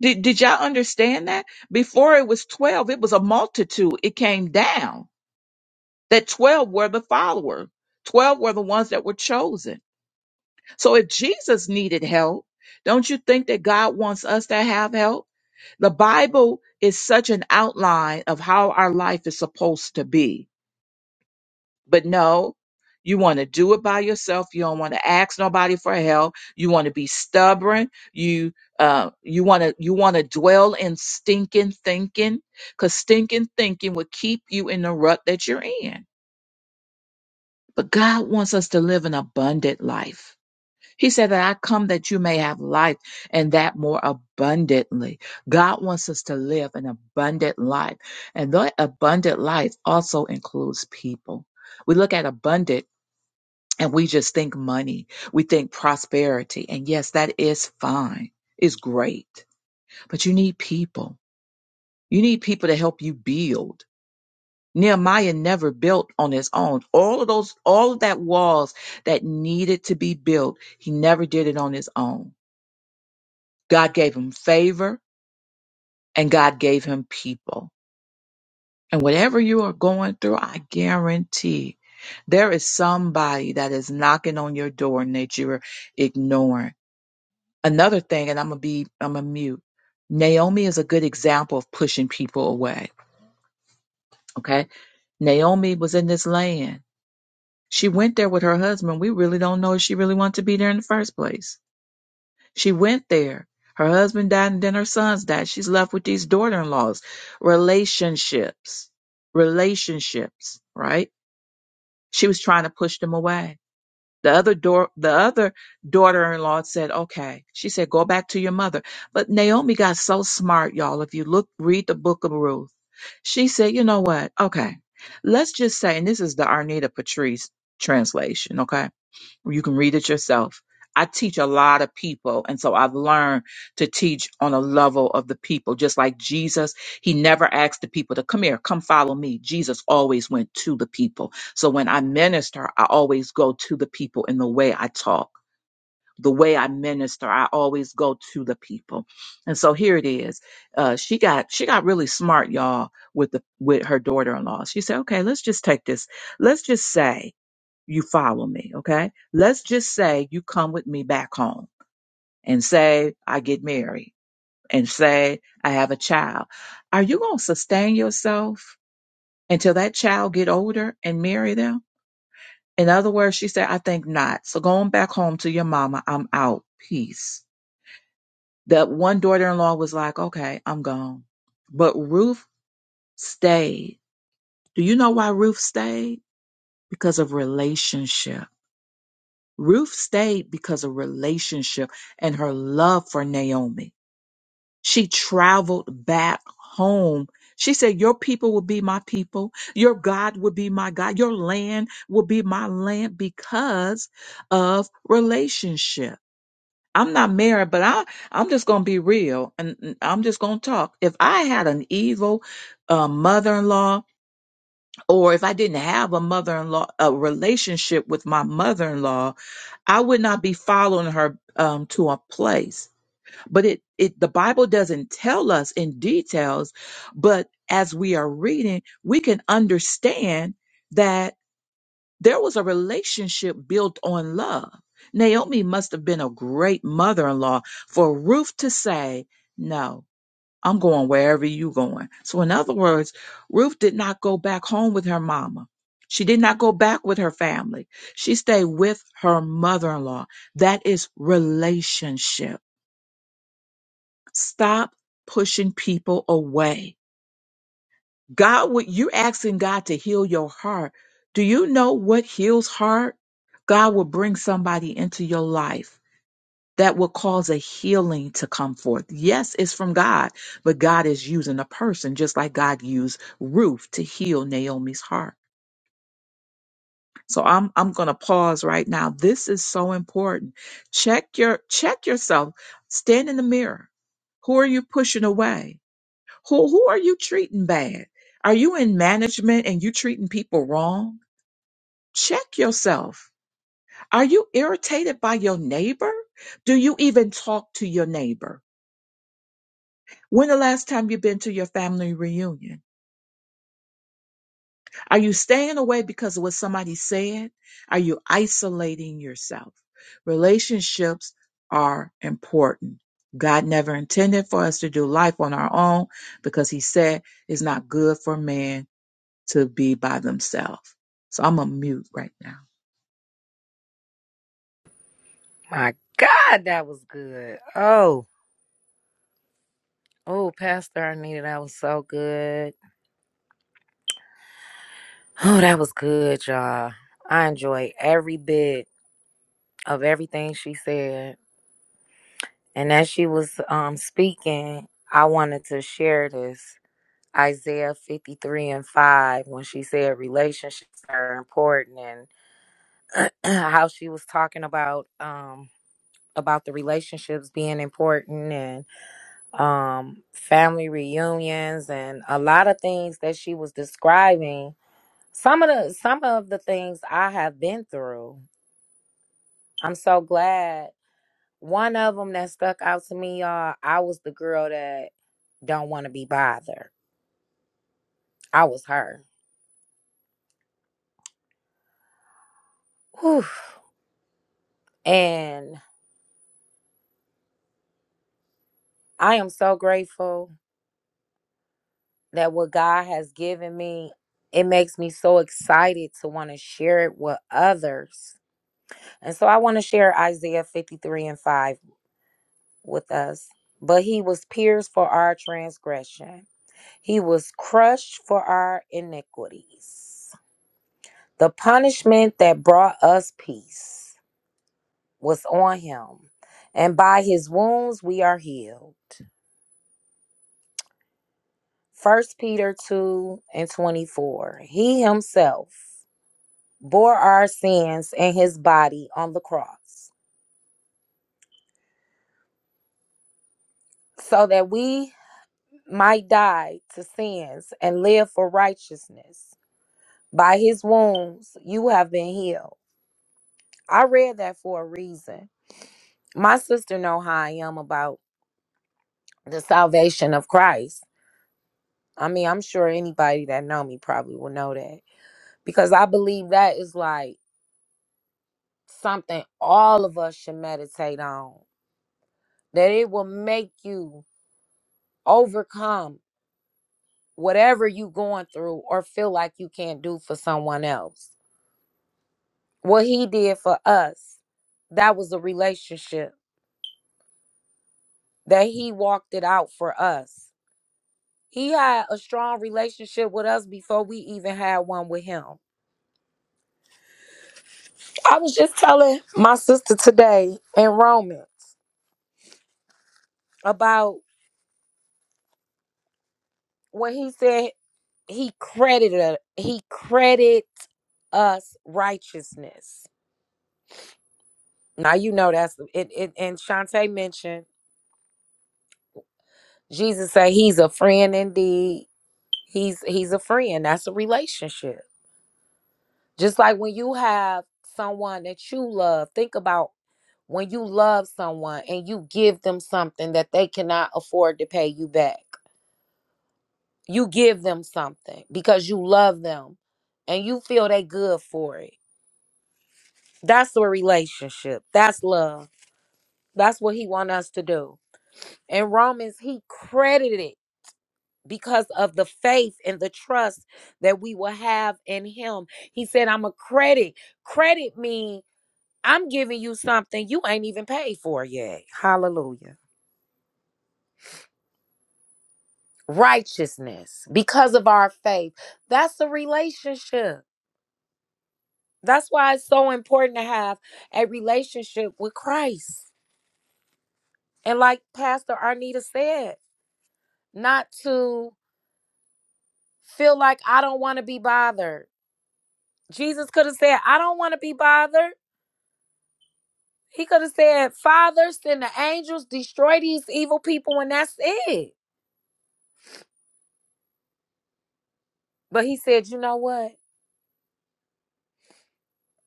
Did, did y'all understand that? Before it was 12, it was a multitude. It came down that 12 were the follower. 12 were the ones that were chosen. So if Jesus needed help, don't you think that God wants us to have help? The Bible is such an outline of how our life is supposed to be. But no, you want to do it by yourself. You don't want to ask nobody for help. You want to be stubborn. You uh, you want to you want to dwell in stinking thinking, because stinking thinking will keep you in the rut that you're in. But God wants us to live an abundant life. He said that I come that you may have life and that more abundantly. God wants us to live an abundant life. And that abundant life also includes people. We look at abundant and we just think money, we think prosperity. And yes, that is fine, it's great, but you need people. You need people to help you build. Nehemiah never built on his own. All of those, all of that walls that needed to be built, he never did it on his own. God gave him favor and God gave him people. And whatever you are going through, I guarantee there is somebody that is knocking on your door and that you're ignoring Another thing, and I'm gonna be, I'm gonna mute. Naomi is a good example of pushing people away. Okay. Naomi was in this land. She went there with her husband. We really don't know if she really wanted to be there in the first place. She went there. Her husband died and then her sons died. She's left with these daughter in laws. Relationships. Relationships, right? She was trying to push them away. The other door, the other daughter-in-law said, "Okay." She said, "Go back to your mother." But Naomi got so smart, y'all. If you look, read the book of Ruth, she said, "You know what? Okay, let's just say." And this is the Arnita Patrice translation. Okay, you can read it yourself. I teach a lot of people, and so I've learned to teach on a level of the people. Just like Jesus, he never asked the people to come here, come follow me. Jesus always went to the people. So when I minister, I always go to the people in the way I talk. The way I minister, I always go to the people, and so here it is. Uh, she got she got really smart, y'all, with the with her daughter-in-law. She said, "Okay, let's just take this. Let's just say you follow me, okay? Let's just say you come with me back home and say I get married and say I have a child. Are you going to sustain yourself until that child get older and marry them? In other words, she said, I think not. So going back home to your mama, I'm out. Peace. That one daughter-in-law was like, okay, I'm gone. But Ruth stayed. Do you know why Ruth stayed? Because of relationship Ruth stayed because of relationship and her love for Naomi. She traveled back home. She said, Your people will be my people. Your God will be my God. Your land will be my land because of relationship. I'm not married, but I, I'm just going to be real and and I'm just going to talk. If I had an evil uh, mother in law, or if I didn't have a mother in law, a relationship with my mother in law, I would not be following her um, to a place. But it, it, the Bible doesn't tell us in details, but as we are reading, we can understand that there was a relationship built on love. Naomi must have been a great mother in law for Ruth to say, no, I'm going wherever you going. So in other words, Ruth did not go back home with her mama. She did not go back with her family. She stayed with her mother-in-law. That is relationship. Stop pushing people away. God, would you're asking God to heal your heart. Do you know what heals heart? God will bring somebody into your life that will cause a healing to come forth. Yes, it's from God, but God is using a person just like God used Ruth to heal Naomi's heart. So I'm I'm going to pause right now. This is so important. Check your check yourself. Stand in the mirror. Who are you pushing away? Who who are you treating bad? Are you in management and you treating people wrong? Check yourself. Are you irritated by your neighbor? Do you even talk to your neighbor? When the last time you've been to your family reunion? Are you staying away because of what somebody said? Are you isolating yourself? Relationships are important. God never intended for us to do life on our own because he said it's not good for man to be by themselves. So I'm a mute right now. My God, that was good. Oh, oh, Pastor Arnita, that was so good. Oh, that was good, y'all. I enjoyed every bit of everything she said. And as she was um speaking, I wanted to share this. Isaiah 53 and 5 when she said relationships are important and how she was talking about um about the relationships being important and um family reunions and a lot of things that she was describing some of the some of the things I have been through I'm so glad one of them that stuck out to me y'all I was the girl that don't want to be bothered I was her Whew. And I am so grateful that what God has given me, it makes me so excited to want to share it with others. And so I want to share Isaiah 53 and 5 with us. But he was pierced for our transgression, he was crushed for our iniquities. The punishment that brought us peace was on him, and by his wounds we are healed. First Peter 2 and 24. He himself bore our sins in his body on the cross, so that we might die to sins and live for righteousness. By his wounds you have been healed. I read that for a reason. My sister know how I am about the salvation of Christ. I mean, I'm sure anybody that know me probably will know that because I believe that is like something all of us should meditate on. That it will make you overcome whatever you going through or feel like you can't do for someone else. What he did for us, that was a relationship that he walked it out for us. He had a strong relationship with us before we even had one with him. I was just telling my sister today in Romans about when he said he credited he credit us righteousness. Now you know that's it, it and Shantae mentioned Jesus said he's a friend indeed. He's he's a friend. That's a relationship. Just like when you have someone that you love, think about when you love someone and you give them something that they cannot afford to pay you back. You give them something because you love them and you feel they good for it. That's a relationship. That's love. That's what he want us to do. In Romans, he credited because of the faith and the trust that we will have in him. He said, I'm a credit. Credit means I'm giving you something you ain't even paid for yet. Hallelujah. Righteousness because of our faith. That's a relationship. That's why it's so important to have a relationship with Christ. And like Pastor Arnita said, not to feel like I don't want to be bothered. Jesus could have said, I don't want to be bothered. He could have said, Father, send the angels, destroy these evil people, and that's it. But he said, You know what?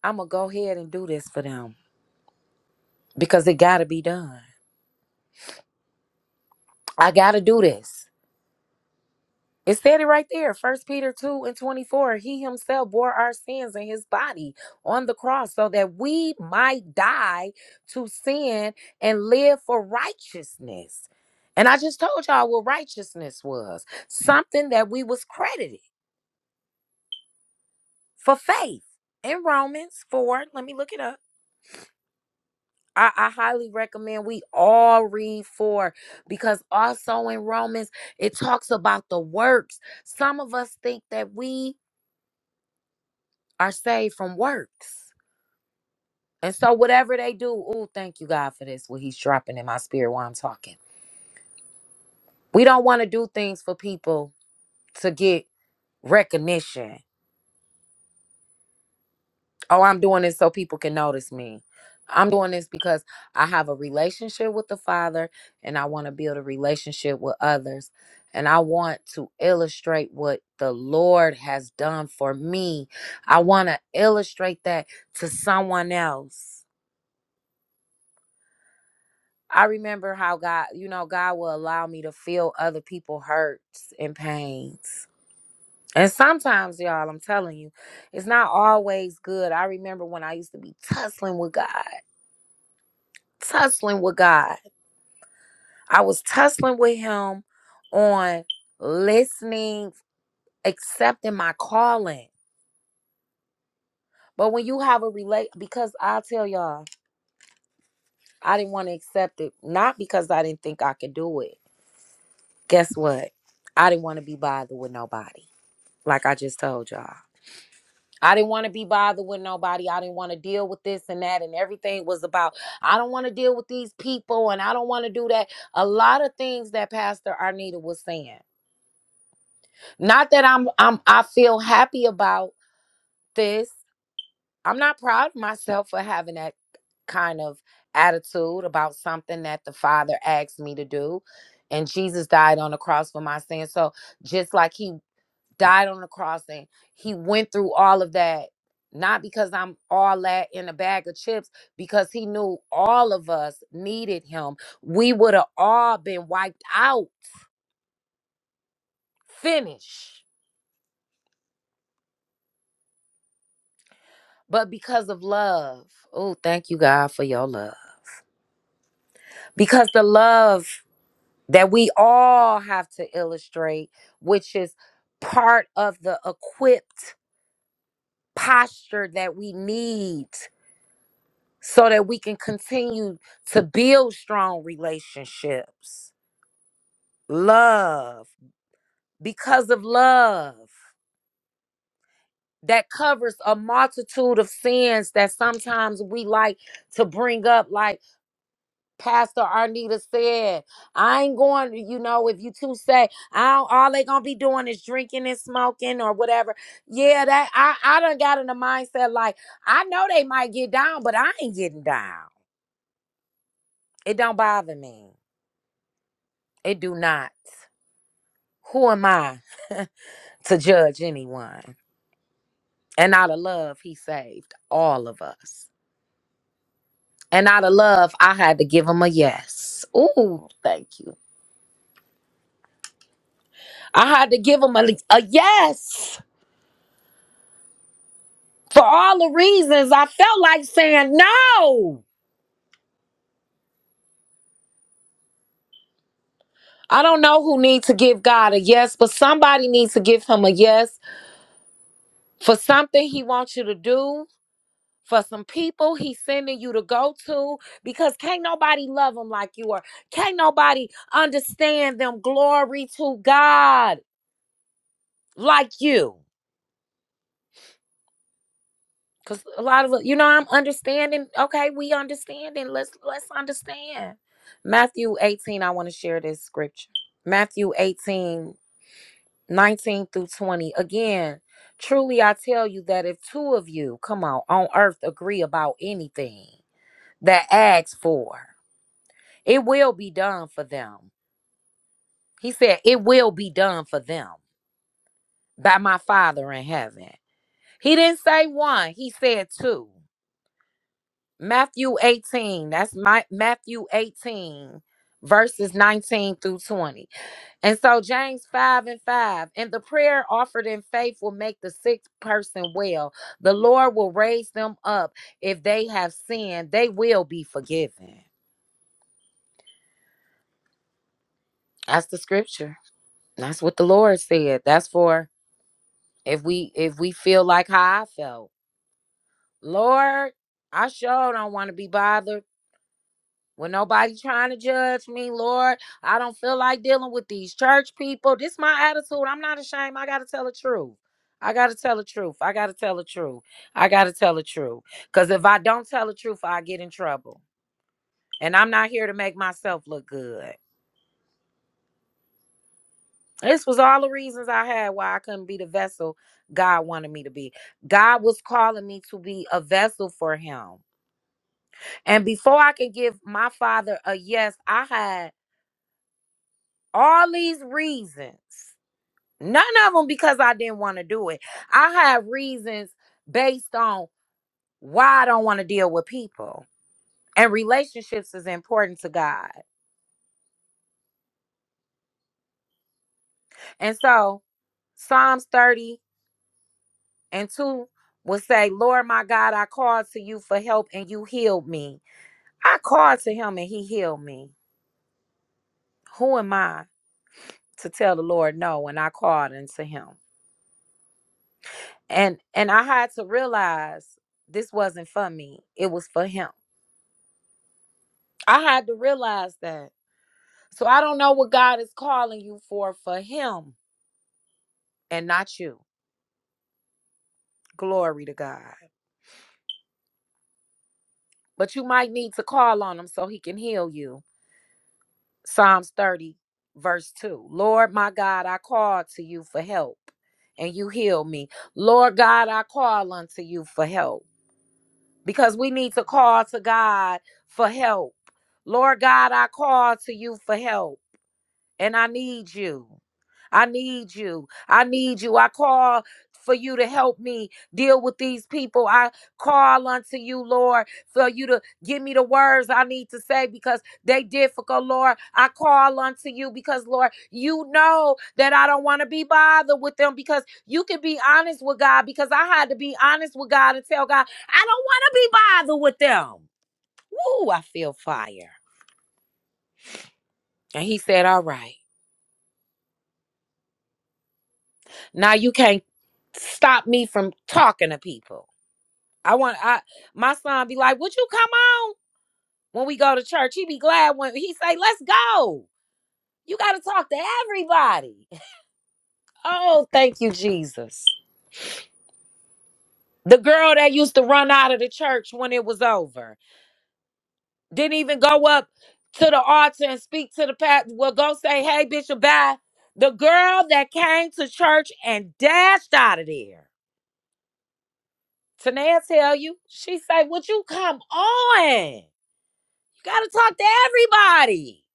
I'm going to go ahead and do this for them because it got to be done. I got to do this. It said it right there, First Peter 2 and 24. He himself bore our sins in his body on the cross so that we might die to sin and live for righteousness. And I just told y'all what righteousness was something that we was credited. for faith in Romans 4. Let me look it up. I, I highly recommend we all read 4 because also in Romans it talks about the works. Some of us think that we are saved from works. And so whatever they do, oh, thank you God for this, what he's dropping in my spirit while I'm talking. We don't want to do things for people to get recognition Oh, I'm doing this so people can notice me. I'm doing this because I have a relationship with the Father and I want to build a relationship with others. And I want to illustrate what the Lord has done for me. I want to illustrate that to someone else. I remember how God, you know, God will allow me to feel other people's hurts and pains. And sometimes, y'all, I'm telling you, it's not always good. I remember when I used to be tussling with God. tussling with God. I was tussling with him on listening, accepting my calling. But when you have a relate because I tell y'all, I didn't want to accept it. Not because I didn't think I could do it. Guess what? I didn't want to be bothered with nobody. Like I just told y'all. I didn't want to be bothered with nobody. I didn't want to deal with this and that. And everything was about, I don't want to deal with these people and I don't want to do that. A lot of things that Pastor Arnita was saying. Not that I'm I'm I feel happy about this. I'm not proud of myself for having that kind of attitude about something that the Father asked me to do. And Jesus died on the cross for my sins. So just like he died on the cross and he went through all of that, not because I'm all that in a bag of chips, because he knew all of us needed him. We would have all been wiped out, finished but because of love. Oh, thank you, God, for your love. Because the love that we all have to illustrate, which is part of the equipped posture that we need so that we can continue to build strong relationships. Love, because of love. That covers a multitude of sins that sometimes we like to bring up, like Pastor Arnita said, I ain't going you know, if you two say, I don't, all they gonna be doing is drinking and smoking or whatever. Yeah, that I, I done got in the mindset like, I know they might get down, but I ain't getting down. It don't bother me. It do not. Who am I to judge anyone? And out of love, he saved all of us. And out of love, I had to give him a yes. Ooh, thank you. I had to give him a, a yes. for all the reasons I felt like saying no. I don't know who needs to give God a yes, but somebody needs to give him a yes for something he wants you to do, for some people he's sending you to go to, because can't nobody love him like you are. Can't nobody understand them glory to God like you. Cause a lot of you know I'm understanding. Okay, we understanding. Let's let's understand. Matthew 18, I want to share this scripture. Matthew 18. 19 through 20. Again, truly I tell you that if two of you, come on, on earth agree about anything that asks for, it will be done for them. He said, It will be done for them by my Father in heaven. He didn't say one, he said two. Matthew 18, that's my Matthew 18, verses 19 through 20. And so James 5 and 5, and the prayer offered in faith will make the sick person well. The Lord will raise them up. If they have sinned, they will be forgiven. That's the scripture. That's what the Lord said. That's for if we if we feel like how I felt. Lord, I sure don't want to be bothered. When nobody trying to judge me, Lord, I don't feel like dealing with these church people. This my attitude. I'm not ashamed. I gotta tell the truth. I gotta tell the truth. I gotta tell the truth. I gotta tell the truth. Cause if I don't tell the truth, I get in trouble. And I'm not here to make myself look good. This was all the reasons I had why I couldn't be the vessel God wanted me to be. God was calling me to be a vessel for Him. And before I could give my father a yes, I had all these reasons None of them because I didn't want to do it. I have reasons based on why I don't want to deal with people. And relationships is important to God. And so Psalms 30 and 2 will say, Lord my God, I called to you for help and you healed me. I called to him and he healed me. Who am I to tell the Lord no when I called unto him? And and I had to realize this wasn't for me. It was for him. I had to realize that. So I don't know what God is calling you for for him and not you. Glory to God. But you might need to call on him so he can heal you. Psalms 30, verse 2. Lord, my God, I called to you for help and you heal me. Lord God, I call unto you for help because we need to call to God for help. Lord God, I call to you for help. and I need you. I need you. I need you. I call for you to help me deal with these people. I call unto you, Lord, for you to give me the words I need to say because they difficult, Lord. I call unto you because, Lord, you know that I don't want to be bothered with them because you can be honest with God because I had to be honest with God and tell God, I don't want to be bothered with them. Woo, I feel fire. And he said, All right. Now you can't stop me from talking to people. I want I my son be like, "Would you come on when we go to church?" He be glad when he say, "Let's go." You got to talk to everybody. Oh, thank you, Jesus. The girl that used to run out of the church when it was over didn't even go up to the altar and speak to the pastor. Well, go say, "Hey, Bishop, bye." The girl that came to church and dashed out of there Tanea tell you, she say, "Would you come on? You gotta talk to everybody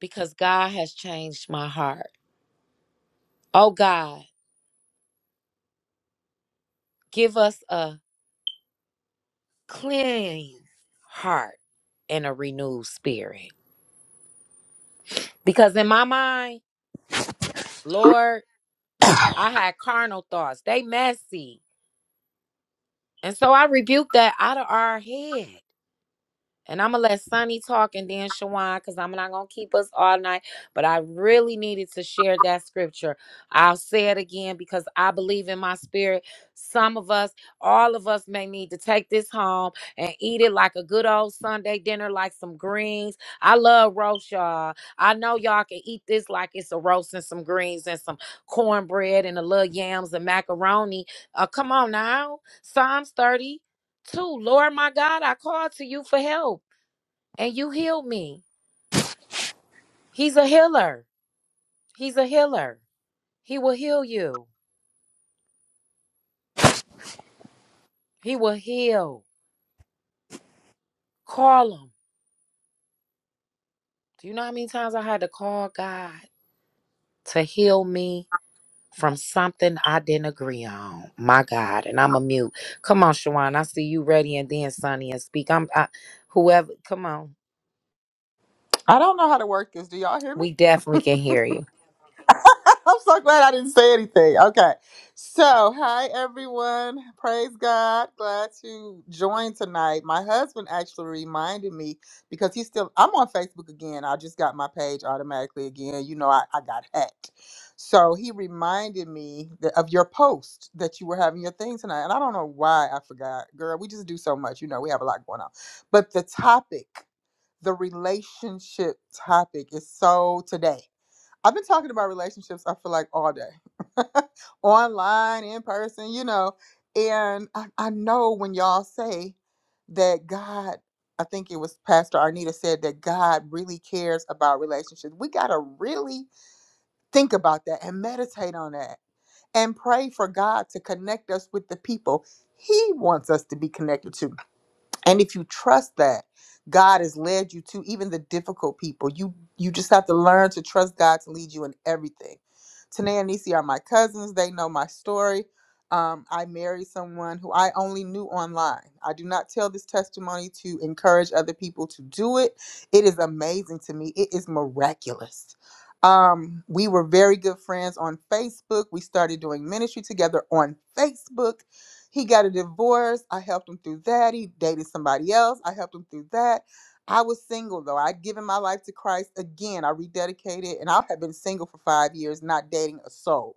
because God has changed my heart. Oh God, give us a clean heart and a renewed spirit. Because in my mind, Lord, I had carnal thoughts. They messy, and so I rebuked that out of our head. And I'm gonna let Sunny talk and then Shawan, because I'm not gonna keep us all night. But I really needed to share that scripture. I'll say it again because I believe in my spirit. Some of us, all of us, may need to take this home and eat it like a good old Sunday dinner, like some greens. I love roast, y'all. I know y'all can eat this like it's a roast and some greens and some cornbread and a little yams and macaroni. Uh, come on now, Psalms 32. Lord my God, I call to you for help and you healed me. He's a healer. He's a healer. He will heal you. He will heal. Call him. Do you know how many times I had to call God to heal me from something I didn't agree on? My God. And I'm a mute. Come on, Shawan. I see you ready and then Sonny and speak. I'm I, whoever. Come on. I don't know how to work this. Do y'all hear me? We definitely can hear you. I'm so glad I didn't say anything. Okay. So, hi everyone. Praise God. Glad to join tonight. My husband actually reminded me because he's still I'm on Facebook again. I just got my page automatically again. You know, I, I got hacked. So he reminded me that, of your post that you were having your thing tonight. And I don't know why I forgot. Girl, we just do so much. You know, we have a lot going on. But the topic. the relationship topic is so today. I've been talking about relationships, I feel like, all day, online, in person, you know. And I, I know when y'all say that God, I think it was Pastor Arnita said that God really cares about relationships. We got to really think about that and meditate on that and pray for God to connect us with the people He wants us to be connected to and if you trust that god has led you to even the difficult people you you just have to learn to trust god to lead you in everything Tanae and Nisi are my cousins they know my story um, i married someone who i only knew online i do not tell this testimony to encourage other people to do it it is amazing to me it is miraculous um, we were very good friends on facebook we started doing ministry together on facebook he got a divorce. I helped him through that. He dated somebody else. I helped him through that. I was single though. I'd given my life to Christ again. I rededicated and I have been single for five years, not dating a soul.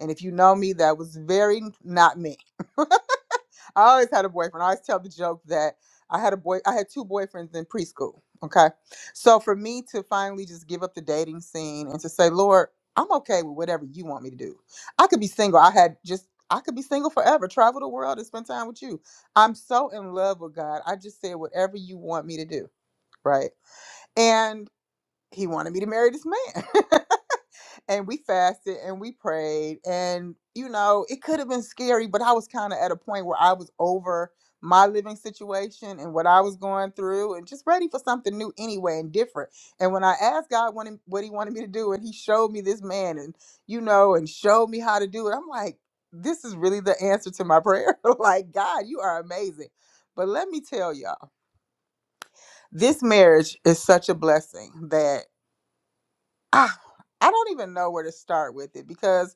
And if you know me, that was very not me. I always had a boyfriend. I always tell the joke that I had a boy. I had two boyfriends in preschool. Okay, so for me to finally just give up the dating scene and to say, Lord, I'm okay with whatever you want me to do. I could be single. I had just. I could be single forever, travel the world and spend time with you. I'm so in love with God. I just said whatever you want me to do, right? And he wanted me to marry this man. and we fasted and we prayed and you know it could have been scary but i was kind of at a point where i was over my living situation and what i was going through and just ready for something new anyway and different and when i asked god what, him- what he wanted me to do and he showed me this man and you know and showed me how to do it i'm like this is really the answer to my prayer like god you are amazing but let me tell y'all this marriage is such a blessing that. I, I don't even know where to start with it because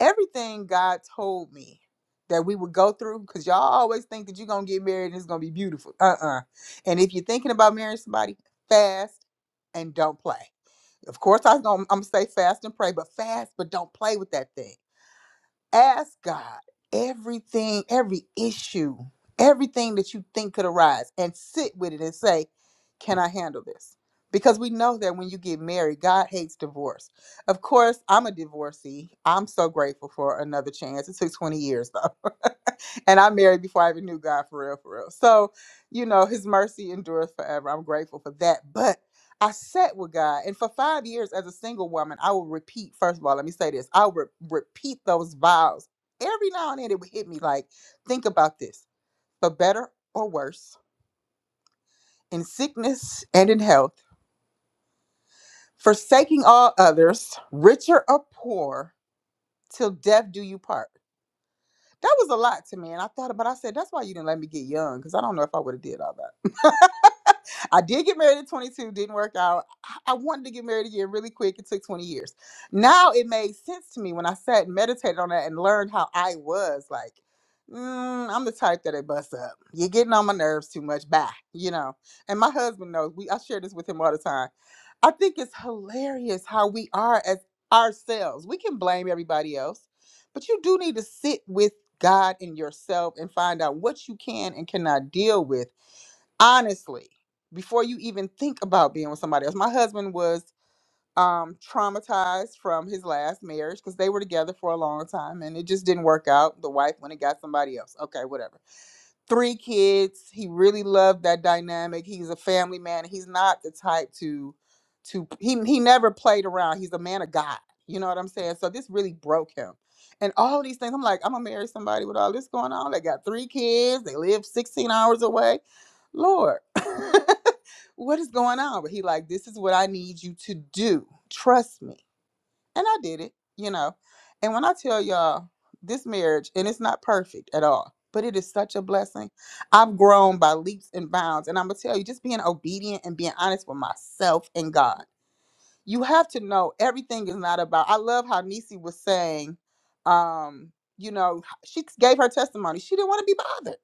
everything God told me that we would go through, because y'all always think that you're going to get married and it's going to be beautiful. Uh uh And if you're thinking about marrying somebody, fast and don't play. Of course, I was gonna, I'm going to say fast and pray, but fast, but don't play with that thing ask God everything, every issue, everything that you think could arise, and sit with it and say, Can I handle this? Because we know that when you get married, God hates divorce. Of course, I'm a divorcee. I'm so grateful for another chance. It took 20 years though. and I married before I even knew God for real, for real. So, you know, his mercy endures forever. I'm grateful for that. But I sat with God, and for five years as a single woman, I would repeat. First of all, let me say this: I would re- repeat those vows every now and then. It would hit me like, think about this: for better or worse, in sickness and in health, forsaking all others, richer or poor, till death do you part. That was a lot to me, and I thought about. I said, that's why you didn't let me get young, because I don't know if I would have did all that. I did get married at 22, didn't work out. I I wanted to get married again really quick. It took 20 years. Now it made sense to me when I sat and meditated on that and learned how I was like, mm, I'm the type that it busts up. You're getting on my nerves too much. Bye. You know. And my husband knows. We I share this with him all the time. I think it's hilarious how we are as ourselves. We can blame everybody else, but you do need to sit with God and yourself and find out what you can and cannot deal with honestly before you even think about being with somebody else my husband was um traumatized from his last marriage because they were together for a long time and it just didn't work out the wife went and got somebody else okay whatever three kids. He really loved that dynamic. He's a family man. He's not the type to to he he never played around. He's a man of God. You know what I'm saying? So this really broke him. And all these things, I'm like, I'm gonna marry somebody with all this going on. They got three kids. They live 16 hours away. Lord, what is going on? But he like, this is what I need you to do. Trust me and I did it, you know. And when I tell y'all this marriage, and it's not perfect at all, but it is such a blessing. I've grown by leaps and bounds. And I'm going to tell you, just being obedient and being honest with myself and God. You have to know everything is not about. I love how Nisi was saying, um, you know, she gave her testimony. She didn't want to be bothered.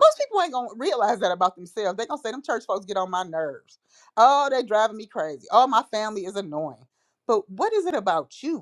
Most people ain't gonna realize that about themselves. They gonna say them church folks get on my nerves. Oh, they driving me crazy. Oh, my family is annoying. But what is it about you?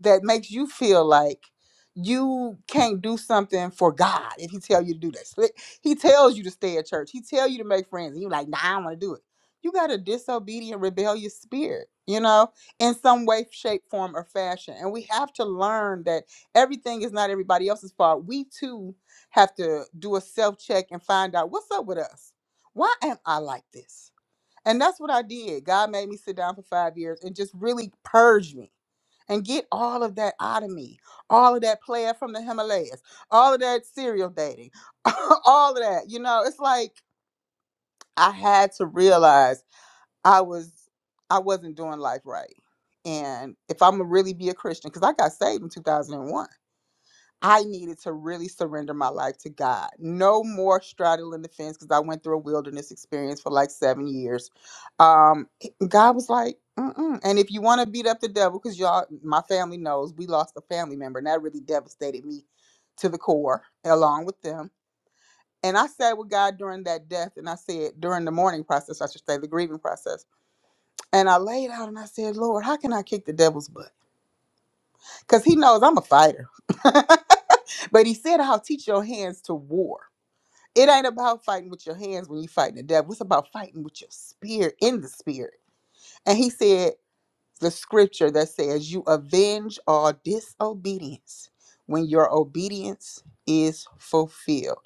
that makes you feel like you can't do something for God if He tell you to do this. Like, He tells you to stay at church. He tell you to make friends, and you like, nah, I don't want to do it. You got a disobedient, rebellious spirit, you know, in some way, shape, form, or fashion. And we have to learn that everything is not everybody else's fault. We too have to do a self check and find out what's up with us. Why am I like this? And that's what I did. God made me sit down for five years and just really purge me and get all of that out of me. All of that player from the Himalayas, all of that serial dating, all of that. You know, it's like I had to realize I was I wasn't doing life right. And if I'm gonna really be a Christian, because I got saved in 2001 I needed to really surrender my life to God. No more straddling the fence because I went through a wilderness experience for like seven years. Um, God was like, Mm-mm. and if you want to beat up the devil, because y'all, my family knows we lost a family member, and that really devastated me to the core, along with them. And I sat with God during that death, and I said during the mourning process, I should say the grieving process. And I laid out and I said, Lord, how can I kick the devil's butt? Because he knows I'm a fighter. but he said, I'll teach your hands to war. It ain't about fighting with your hands when you fighting the devil. It's about fighting with your spirit in the spirit. And he said the scripture that says, You avenge all disobedience when your obedience is fulfilled.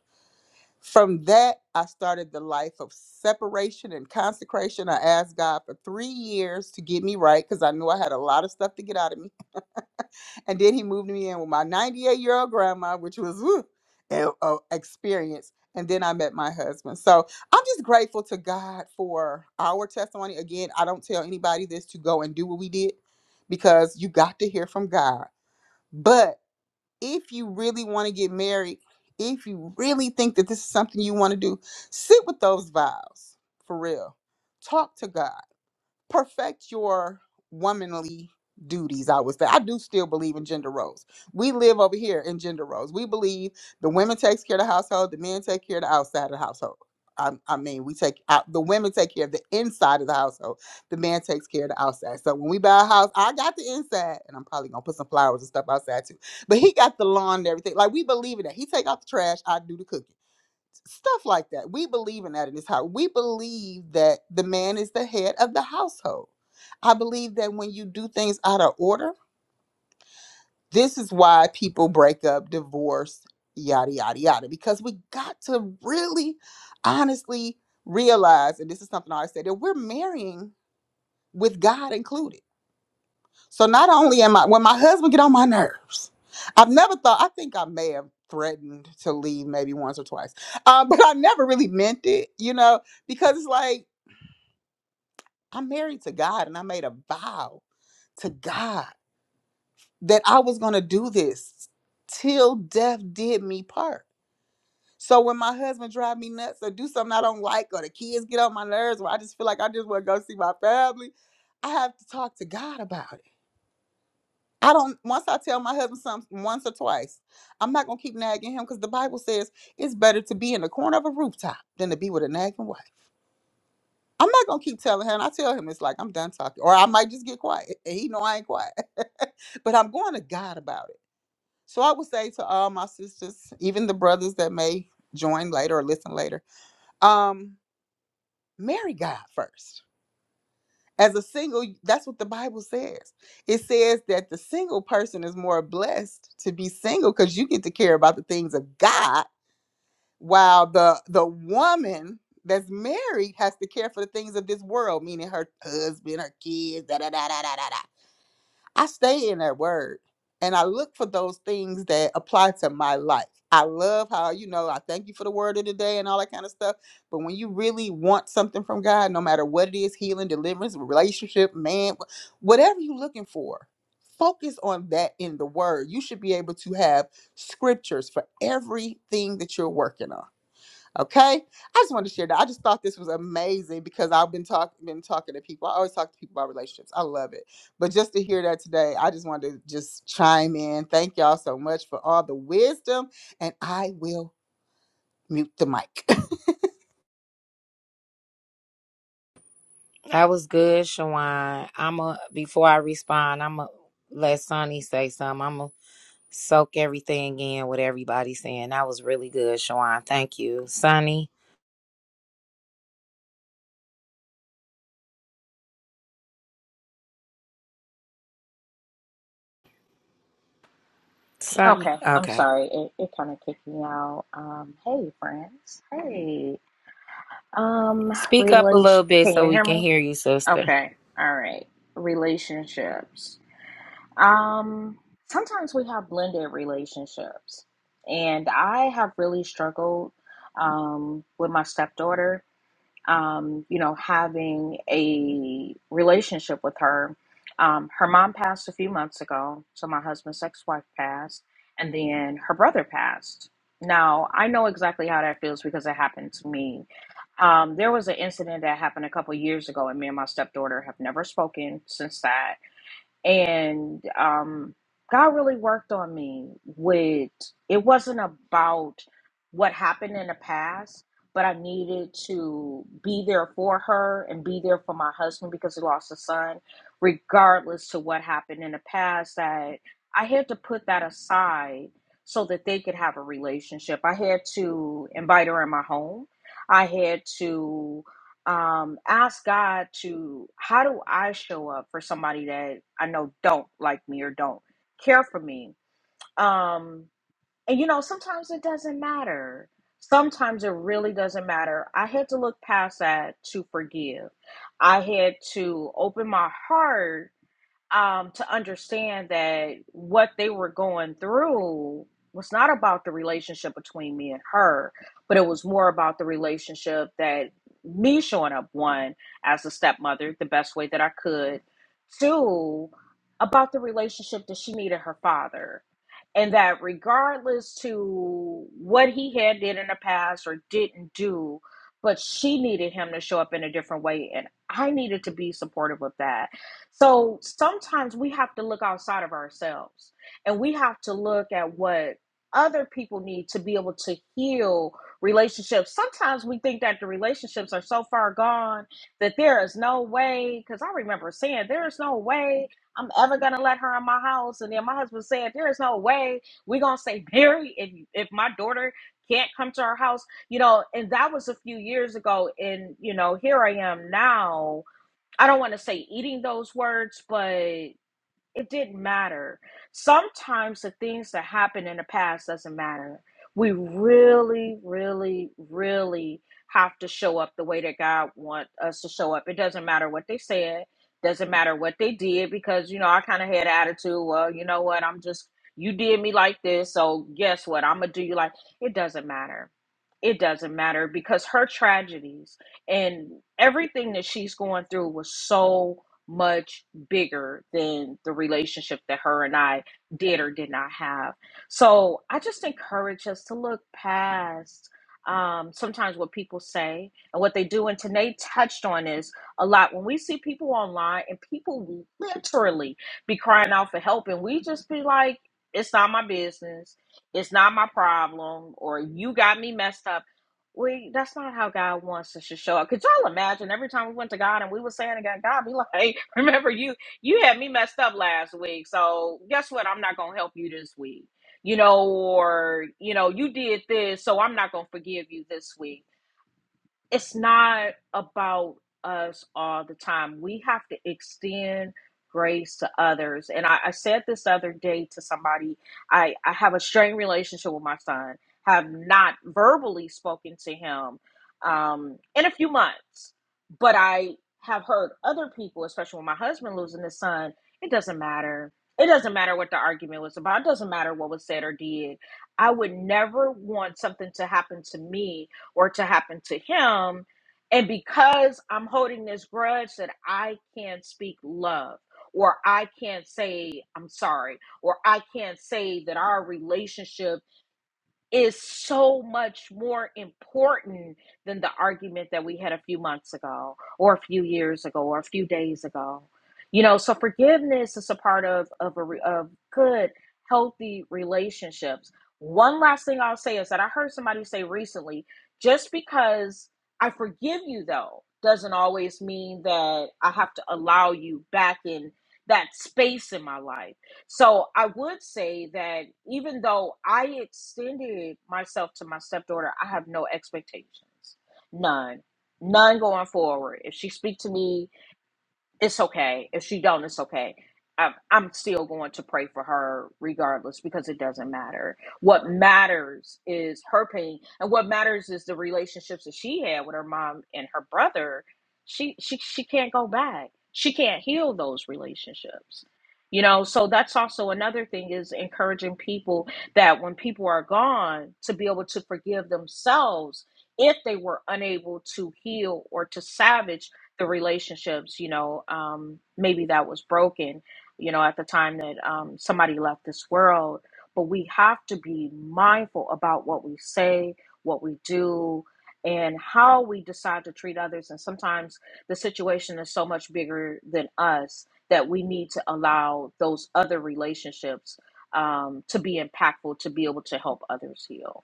From that, I started the life of separation and consecration. I asked God for three years to get me right because I knew I had a lot of stuff to get out of me. and then he moved me in with my 98 year old grandma, which was woo, an uh, experience. And then I met my husband. So I'm just grateful to God for our testimony. Again, I don't tell anybody this to go and do what we did because you got to hear from God. But if you really want to get married, if you really think that this is something you want to do, sit with those vows for real. Talk to God perfect your womanly duties i would say i do still believe in gender roles we live over here in gender roles we believe the women takes care of the household the men take care of the outside of the household i, I mean we take out the women take care of the inside of the household the man takes care of the outside so when we buy a house i got the inside and i'm probably gonna put some flowers and stuff outside too but he got the lawn and everything like we believe in that he take out the trash i do the cooking stuff like that. We believe in that in this house. We believe that the man is the head of the household. I believe that when you do things out of order, this is why people break up, divorce, yada, yada, yada, because we got to really honestly realize, and this is something I always say, that we're marrying with God included so not only am I when my husband get on my nerves, I've never thought. I think I may have threatened to leave maybe once or twice, uh, but I never really meant it, you know, because it's like I'm married to God and I made a vow to God that I was going to do this till death did me part. So when my husband drive me nuts or do something I don't like or the kids get on my nerves or I just feel like I just want to go see my family, I have to talk to God about it I don't once I tell my husband something once or twice, I'm not gonna keep nagging him because the Bible says it's better to be in the corner of a rooftop than to be with a nagging wife. I'm not gonna keep telling him. I tell him it's like I'm done talking, or I might just get quiet. And he know I ain't quiet, but I'm going to God about it. So I would say to all my sisters, even the brothers that may join later or listen later, um, marry God first As a single, that's what the Bible says. It says that the single person is more blessed to be single because you get to care about the things of God, while the the woman that's married has to care for the things of this world, meaning her husband, her kids, da da da da da da. da. I stay in that word and I look for those things that apply to my life. I love how, you know, I thank you for the word of the day and all that kind of stuff. But when you really want something from God, no matter what it is healing, deliverance, relationship, man, wh- whatever you're looking for, focus on that in the word. You should be able to have scriptures for everything that you're working on Okay, I just wanted to share that. I just thought this was amazing because I've been talking been talking to people. I always talk to people about relationships. I love it, but just to hear that today, I just wanted to just chime in. Thank y'all so much for all the wisdom, and I will mute the mic. That was good, Shawan. I'm a before I respond, I'm a let Sonny say something. I'm a soak everything in what everybody's saying. That was really good, Shawan. Thank you. Sunny. Sunny. Okay, I'm Okay. sorry. It, it kind of kicked me out. Um, hey, friends. Hey. Um, Speak up a little relation. bit Can so you we hear can me? hear you, sister. Okay. All right. Relationships. Um, sometimes we have blended relationships, and I have really struggled um, with my stepdaughter um, you know, having a relationship with her. Um, her mom passed a few months ago, so my husband's ex wife passed, and then her brother passed. Now, I know exactly how that feels because it happened to me. Um, there was an incident that happened a couple years ago, and me and my stepdaughter have never spoken since that and um, God really worked on me with it wasn't about what happened in the past, but I needed to be there for her and be there for my husband because he lost a son, regardless to what happened in the past that I had to put that aside so that they could have a relationship. I had to invite her in my home. I had to um ask god to how do i show up for somebody that i know don't like me or don't care for me um and you know sometimes it doesn't matter sometimes it really doesn't matter i had to look past that to forgive i had to open my heart um, to understand that what they were going through was not about the relationship between me and her, but it was more about the relationship that me showing up, one, as a stepmother, the best way that I could, two, about the relationship that she needed her father. And that regardless to what he had did in the past or didn't do, but she needed him to show up in a different way. And I needed to be supportive of that so sometimes we have to look outside of ourselves and we have to look at what other people need to be able to heal relationships. Sometimes we think that the relationships are so far gone that there is no way, because I remember saying, There is no way I'm ever going to let her in my house. And then my husband said, There is no way we're going to stay married if, if my daughter can't come to our house, you know, and that was a few years ago. And, you know, here I am now I don't want to say eating those words, but it didn't matter. Sometimes the things that happened in the past doesn't matter. We really, really, really have to show up the way that God wants us to show up. It doesn't matter what they said, doesn't matter what they did, because you know, I kind of had an attitude, well, you know what, I'm just you did me like this, so guess what? I'm gonna do you like it doesn't matter. It doesn't matter because her tragedies and everything that she's going through was so much bigger than the relationship that her and I did or did not have. So I just encourage us to look past um, sometimes what people say and what they do. And Tanae touched on this a lot. When we see people online and people literally be crying out for help, and we just be like, it's not my business, it's not my problem, or you got me messed up. We that's not how God wants us to show up. Could y'all imagine every time we went to God and we were saying to God, God be like, hey, remember you you had me messed up last week. So guess what? I'm not gonna help you this week. You know, or you know, you did this, so I'm not gonna forgive you this week it's not about us all the time. We have to extend grace to others. And I, I said this other day to somebody. I, I have a strained relationship with my son, have not verbally spoken to him um, in a few months, but I have heard other people, especially when my husband losing his son, it doesn't matter. It doesn't matter what the argument was about. It doesn't matter what was said or did. I would never want something to happen to me or to happen to him. And because I'm holding this grudge that I can't speak love, or I can't say I'm sorry, or I can't say that our relationship is so much more important than the argument that we had a few months ago, or a few years ago, or a few days ago. You know, so forgiveness is a part of of a re, of good, healthy relationships. One last thing I'll say is that I heard somebody say recently, just because I forgive you though doesn't always mean that I have to allow you back in that space in my life so I would say that even though I extended myself to my stepdaughter, I have no expectations. None. None going forward. If she speak to me it's okay if she don't it's okay I'm, I'm still going to pray for her regardless because it doesn't matter what matters is her pain and what matters is the relationships that she had with her mom and her brother she she she can't go back she can't heal those relationships you know so that's also another thing is encouraging people that when people are gone to be able to forgive themselves if they were unable to heal or to salvage the relationships, you know, um, maybe that was broken, you know, at the time that um, somebody left this world. But we have to be mindful about what we say, what we do, and how we decide to treat others. And sometimes the situation is so much bigger than us that we need to allow those other relationships um, to be impactful to be able to help others heal.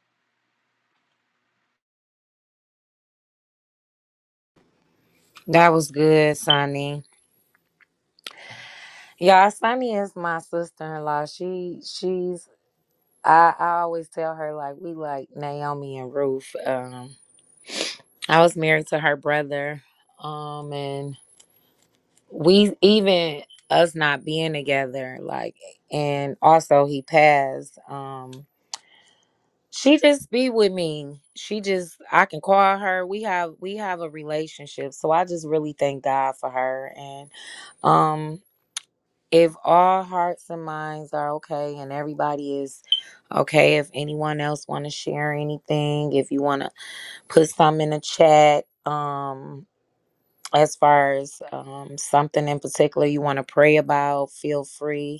That was good, Sunny. Yeah, Sunny is my sister in law. She she's I, I always tell her like we like Naomi and Ruth. Um I was married to her brother. Um and we even us not being together, like and also he passed. Um She just be with me. She just I can call her. We have we have a relationship. So I just really thank God for her and um if all hearts and minds are okay and everybody is okay if anyone else want to share anything, if you want to put some in the chat um as far as um something in particular you want to pray about, feel free.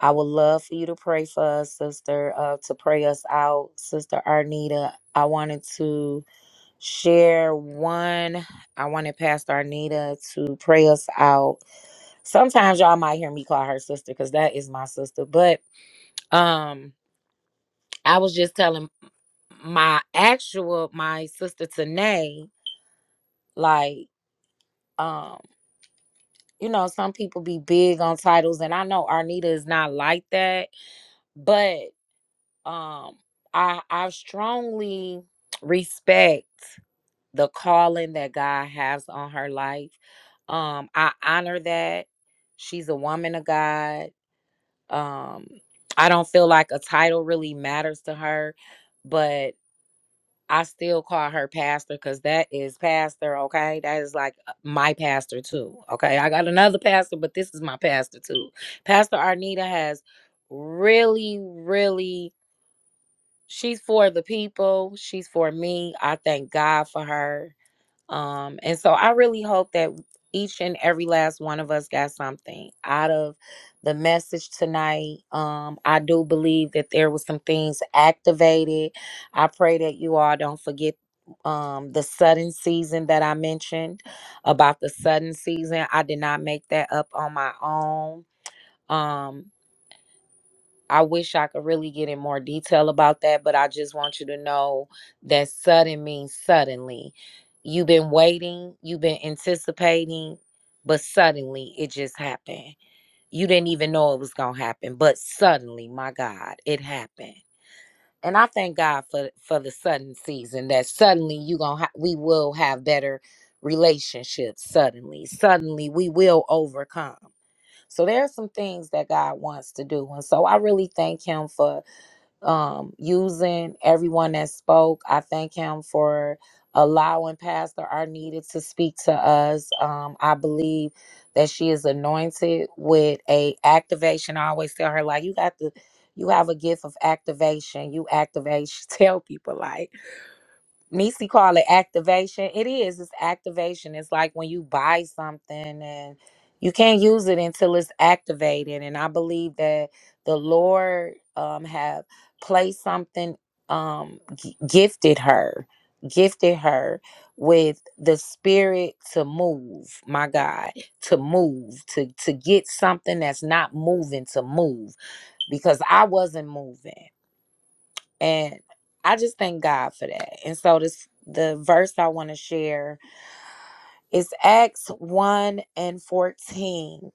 I would love for you to pray for us, sister, uh, to pray us out, sister Arnita. I wanted to share one. I wanted Pastor Arnita to pray us out. Sometimes y'all might hear me call her sister because that is my sister. But um, I was just telling my actual my sister Tanae, like, um, you know, some people be big on titles, and I know Arnita is not like that, but um i i strongly respect the calling that god has on her life um i honor that she's a woman of god um i don't feel like a title really matters to her but i still call her pastor because that is pastor okay that is like uh, my pastor too okay i got another pastor but this is my pastor too pastor arnita has really really she's for the people she's for me i thank god for her um and so i really hope that each and every last one of us got something out of the message tonight um i do believe that there was some things activated i pray that you all don't forget um the sudden season that i mentioned about the sudden season i did not make that up on my own Um, I wish I could really get in more detail about that, but I just want you to know that sudden means suddenly. You've been waiting, you've been anticipating, but suddenly it just happened. You didn't even know it was going to happen, but suddenly, my God, it happened. And I thank God for for the sudden season that suddenly you going to ha- we will have better relationships suddenly. Suddenly we will overcome. So there are some things that God wants to do. And so I really thank him for um, using everyone that spoke. I thank him for allowing Pastor Arnita to speak to us. Um, I believe that she is anointed with a activation. I always tell her like you got the you have a gift of activation. You activate. She tell people like Nisi call it activation. It is. It's activation. It's like when you buy something and you can't use it until it's activated. And I believe that the Lord um, have placed something, um, g- gifted her, gifted her with the spirit to move. My God, to move, to to get something that's not moving to move because I wasn't moving. And I just thank God for that. And so this the verse I want to share is Acts 1 and 14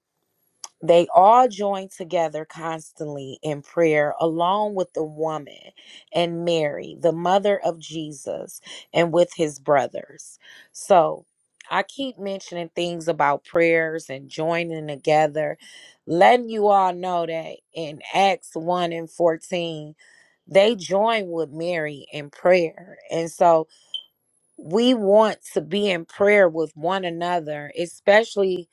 they all joined together constantly in prayer along with the woman and Mary, the mother of Jesus, and with his brothers. So I keep mentioning things about prayers and joining together, letting you all know that in Acts 1 and 14, they joined with Mary in prayer. And so we want to be in prayer with one another, especially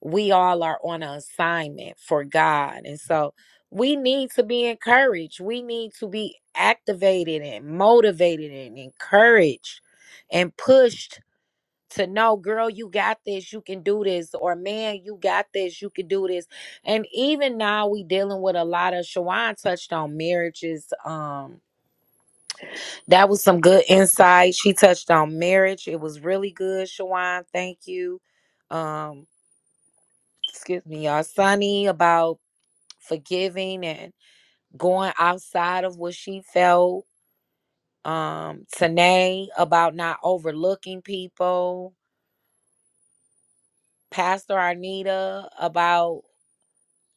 we all are on an assignment for God. And so we need to be encouraged. We need to be activated and motivated and encouraged and pushed to know, girl, you got this, you can do this, or man, you got this, you can do this. And even now we dealing with a lot of Shawan touched on marriages, um, that was some good insight. She touched on marriage. It was really good, Shawan. Thank you. Um, excuse me, y'all. Sunny about forgiving and going outside of what she felt. Um, Tanae about not overlooking people. Pastor Arnita about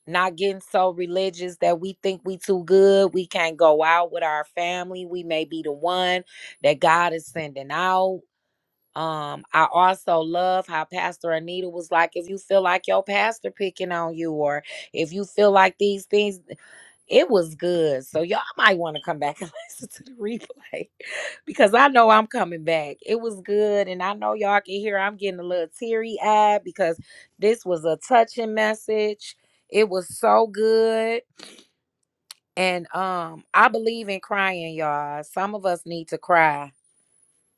not getting so religious that we think we too good. We can't go out with our family. We may be the one that God is sending out. Um, I also love how Pastor Anita was like, if you feel like your pastor picking on you, or if you feel like these things, it was good. So y'all might want to come back and listen to the replay because I know I'm coming back. It was good, and I know y'all can hear I'm getting a little teary eyed because this was a touching message. It was so good. And um, I believe in crying, y'all. Some of us need to cry.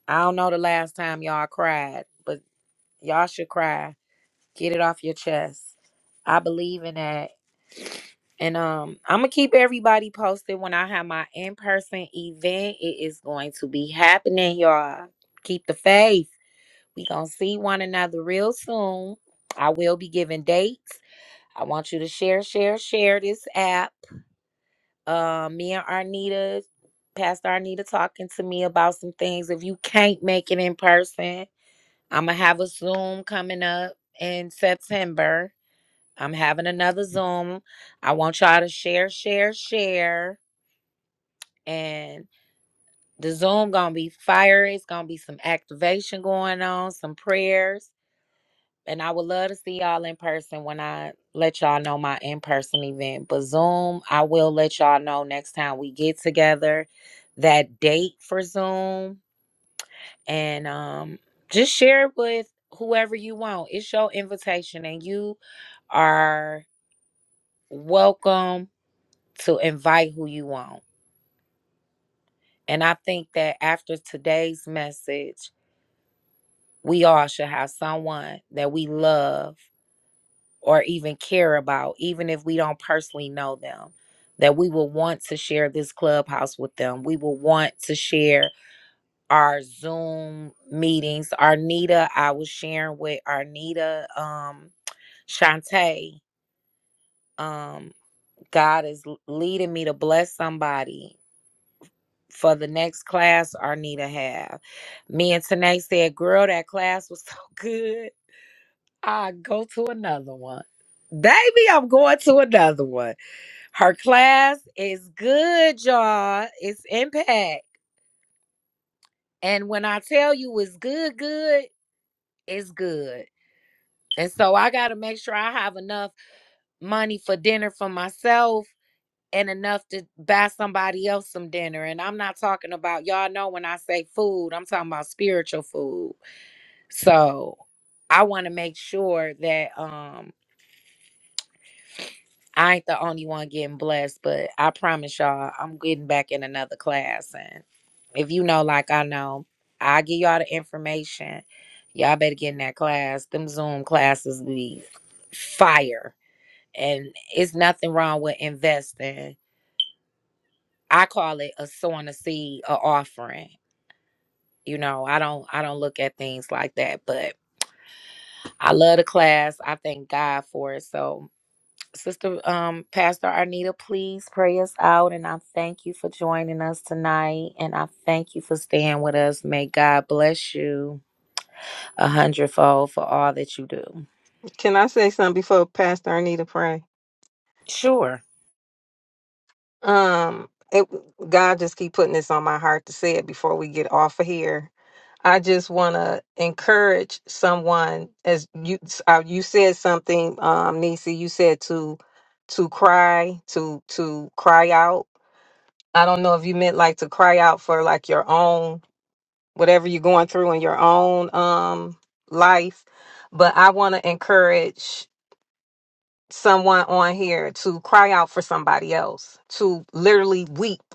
I don't know the last time y'all cried, but Y'all should cry. Get it off your chest. I believe in that. And um, I'm gonna keep everybody posted when I have my in-person event. It is going to be happening, y'all. Keep the faith. We gonna see one another real soon. I will be giving dates. I want you to share, share, share this app. Uh, me and Arnita, Pastor Arnita, talking to me about some things. If you can't make it in person, I'm gonna have a Zoom coming up in September I'm having another Zoom. I want y'all to share, share, share. And the Zoom gonna be fire. It's gonna be some activation going on, some prayers. And I would love to see y'all in person when I let y'all know my in-person event. But Zoom, I will let y'all know next time we get together that date for Zoom. And um just share it with whoever you want. It's your invitation and you are welcome to invite who you want. And I think that after today's message, we all should have someone that we love or even care about, even if we don't personally know them, that we will want to share this clubhouse with them. We will want to share our Zoom meetings. Arnita, I was sharing with Arnita, um, Shantae, um, God is leading me to bless somebody for the next class Arnita have. Me and Tanae said, girl, that class was so good. I go to another one. Baby, I'm going to another one. Her class is good, y'all. It's impact. And when I tell you it's good, good, it's good. And so I got to make sure I have enough money for dinner for myself and enough to buy somebody else some dinner. And I'm not talking about, y'all know when I say food, I'm talking about spiritual food So I want to make sure that um I ain't the only one getting blessed, but I promise y'all I'm getting back in another class. And if you know like I know, I give y'all the information. Y'all better get in that class. Them Zoom classes be fire. And it's nothing wrong with investing. I call it a sowing a seed, a offering. You know, I don't I don't look at things like that, but I love the class. I thank God for it. So Sister um, Pastor Arnita, please pray us out. And I thank you for joining us tonight. And I thank you for staying with us. May God bless you a hundredfold for all that you do. Can I say something before Pastor Arnita pray? Sure. Um, it, God just keep putting this on my heart to say it before we get off of here. I just want to encourage someone as you uh, you said something, um, Nisi. You said to to cry to to cry out. I don't know if you meant like to cry out for like your own whatever you're going through in your own um life, but I want to encourage someone on here to cry out for somebody else to literally weep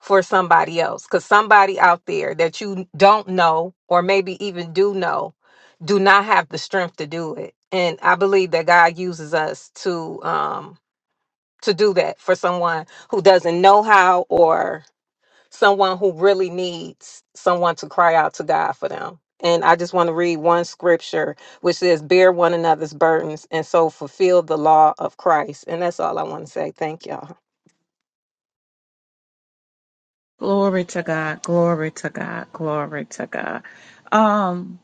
for somebody else because somebody out there that you don't know or maybe even do know do not have the strength to do it and i believe that god uses us to um to do that for someone who doesn't know how or someone who really needs someone to cry out to god for them and i just want to read one scripture which says bear one another's burdens and so fulfill the law of christ and that's all i want to say thank y'all Glory to God. Glory to God. Glory to God. Um,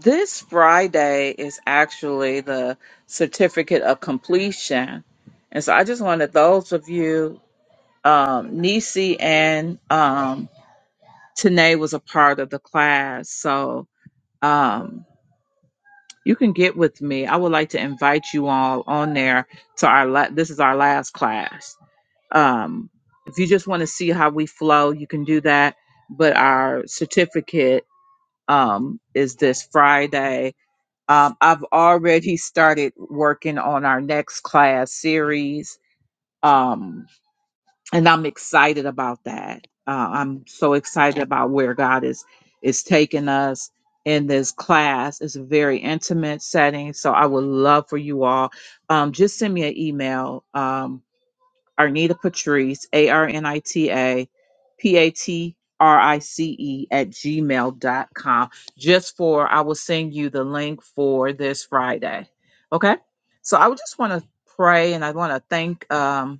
this Friday is actually the certificate of completion. And so I just wanted those of you, um, Nisi and um Tanae was a part of the class. So um you can get with me. I would like to invite you all on there to our la- this is our last class. Um, if you just want to see how we flow, you can do that. But our certificate um, is this Friday. Um, I've already started working on our next class series, um, and I'm excited about that. Uh, I'm so excited about where God is is taking us in this class. It's a very intimate setting, so I would love for you all. Um, just send me an email. Um, Arnita Patrice, A R N I T A P A T R I C E at gmail dot com. Just for, I will send you the link for this Friday. Okay. So I would just want to pray and I want to thank um,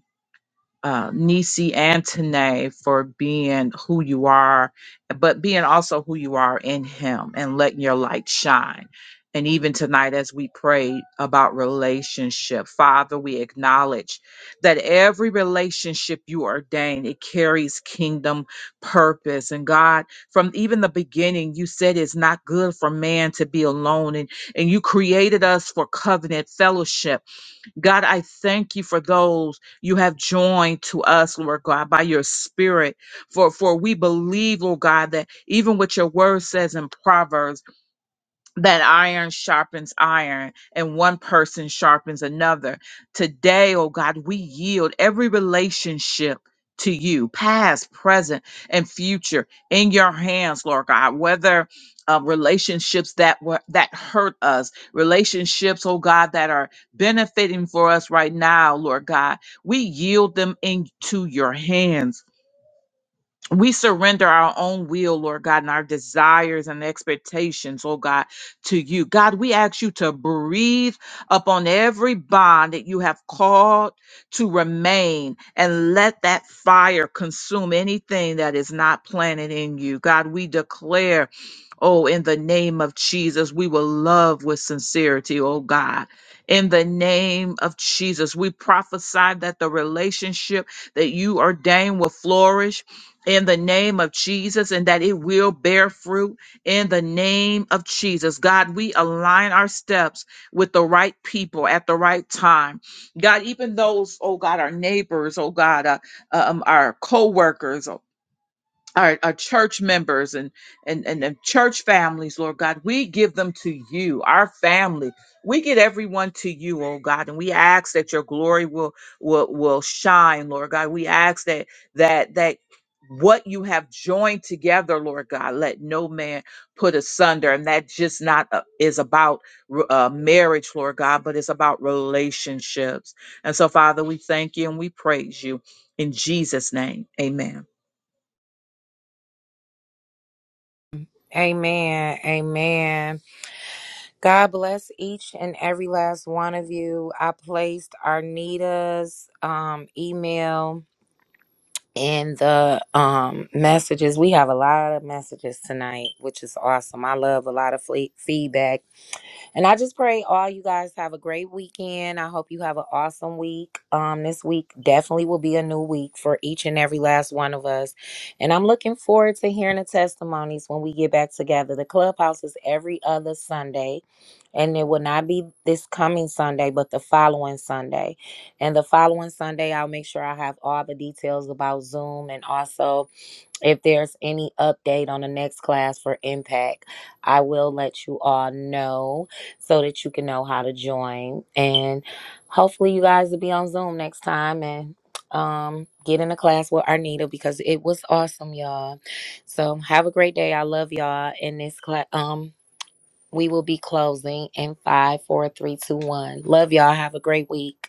uh, Nisi and Tanae for being who you are, but being also who you are in Him and letting your light shine. And even tonight, as we pray about relationship, Father, we acknowledge that every relationship you ordain, it carries kingdom purpose. And God, from even the beginning, you said it's not good for man to be alone. And, and you created us for covenant fellowship. God, I thank you for those you have joined to us, Lord God, by your spirit. For for we believe, Lord God, that even what your word says in Proverbs that iron sharpens iron and one person sharpens another. Today, oh God, we yield every relationship to you, past, present, and future in your hands, Lord God, whether uh, relationships that were that hurt us, relationships, oh God, that are benefiting for us right now, Lord God, we yield them into your hands we surrender our own will, Lord God, and our desires and expectations, oh God, to you. God, we ask you to breathe upon every bond that you have called to remain and let that fire consume anything that is not planted in you. God, we declare. Oh, in the name of Jesus, we will love with sincerity, oh God. In the name of Jesus, we prophesy that the relationship that you ordain will flourish in the name of Jesus and that it will bear fruit in the name of Jesus. God, we align our steps with the right people at the right time. God, even those, oh God, our neighbors, oh God, uh, um, our co workers, our, our church members and, and and and church families, Lord God, we give them to you, our family. We get everyone to you, oh God, and we ask that your glory will will will shine, Lord God. We ask that that that what you have joined together, Lord God, let no man put asunder, and that just not uh, is about re- uh, marriage, Lord God, but it's about relationships. And so, Father, we thank you and we praise you. In Jesus' name, amen. Amen. Amen. God bless each and every last one of you. I placed Arnita's um, email in the um, messages. We have a lot of messages tonight, which is awesome. I love a lot of fle- feedback And I just pray all you guys have a great weekend. I hope you have an awesome week. Um, this week definitely will be a new week for each and every last one of us. And I'm looking forward to hearing the testimonies when we get back together. The clubhouse is every other Sunday. And it will not be this coming Sunday, but the following Sunday. And the following Sunday, I'll make sure I have all the details about Zoom and also if there's any update on the next class for impact i will let you all know so that you can know how to join and hopefully you guys will be on zoom next time and um get in a class with arnita because it was awesome y'all so have a great day i love y'all in this class um we will be closing in five four three two one love y'all have a great week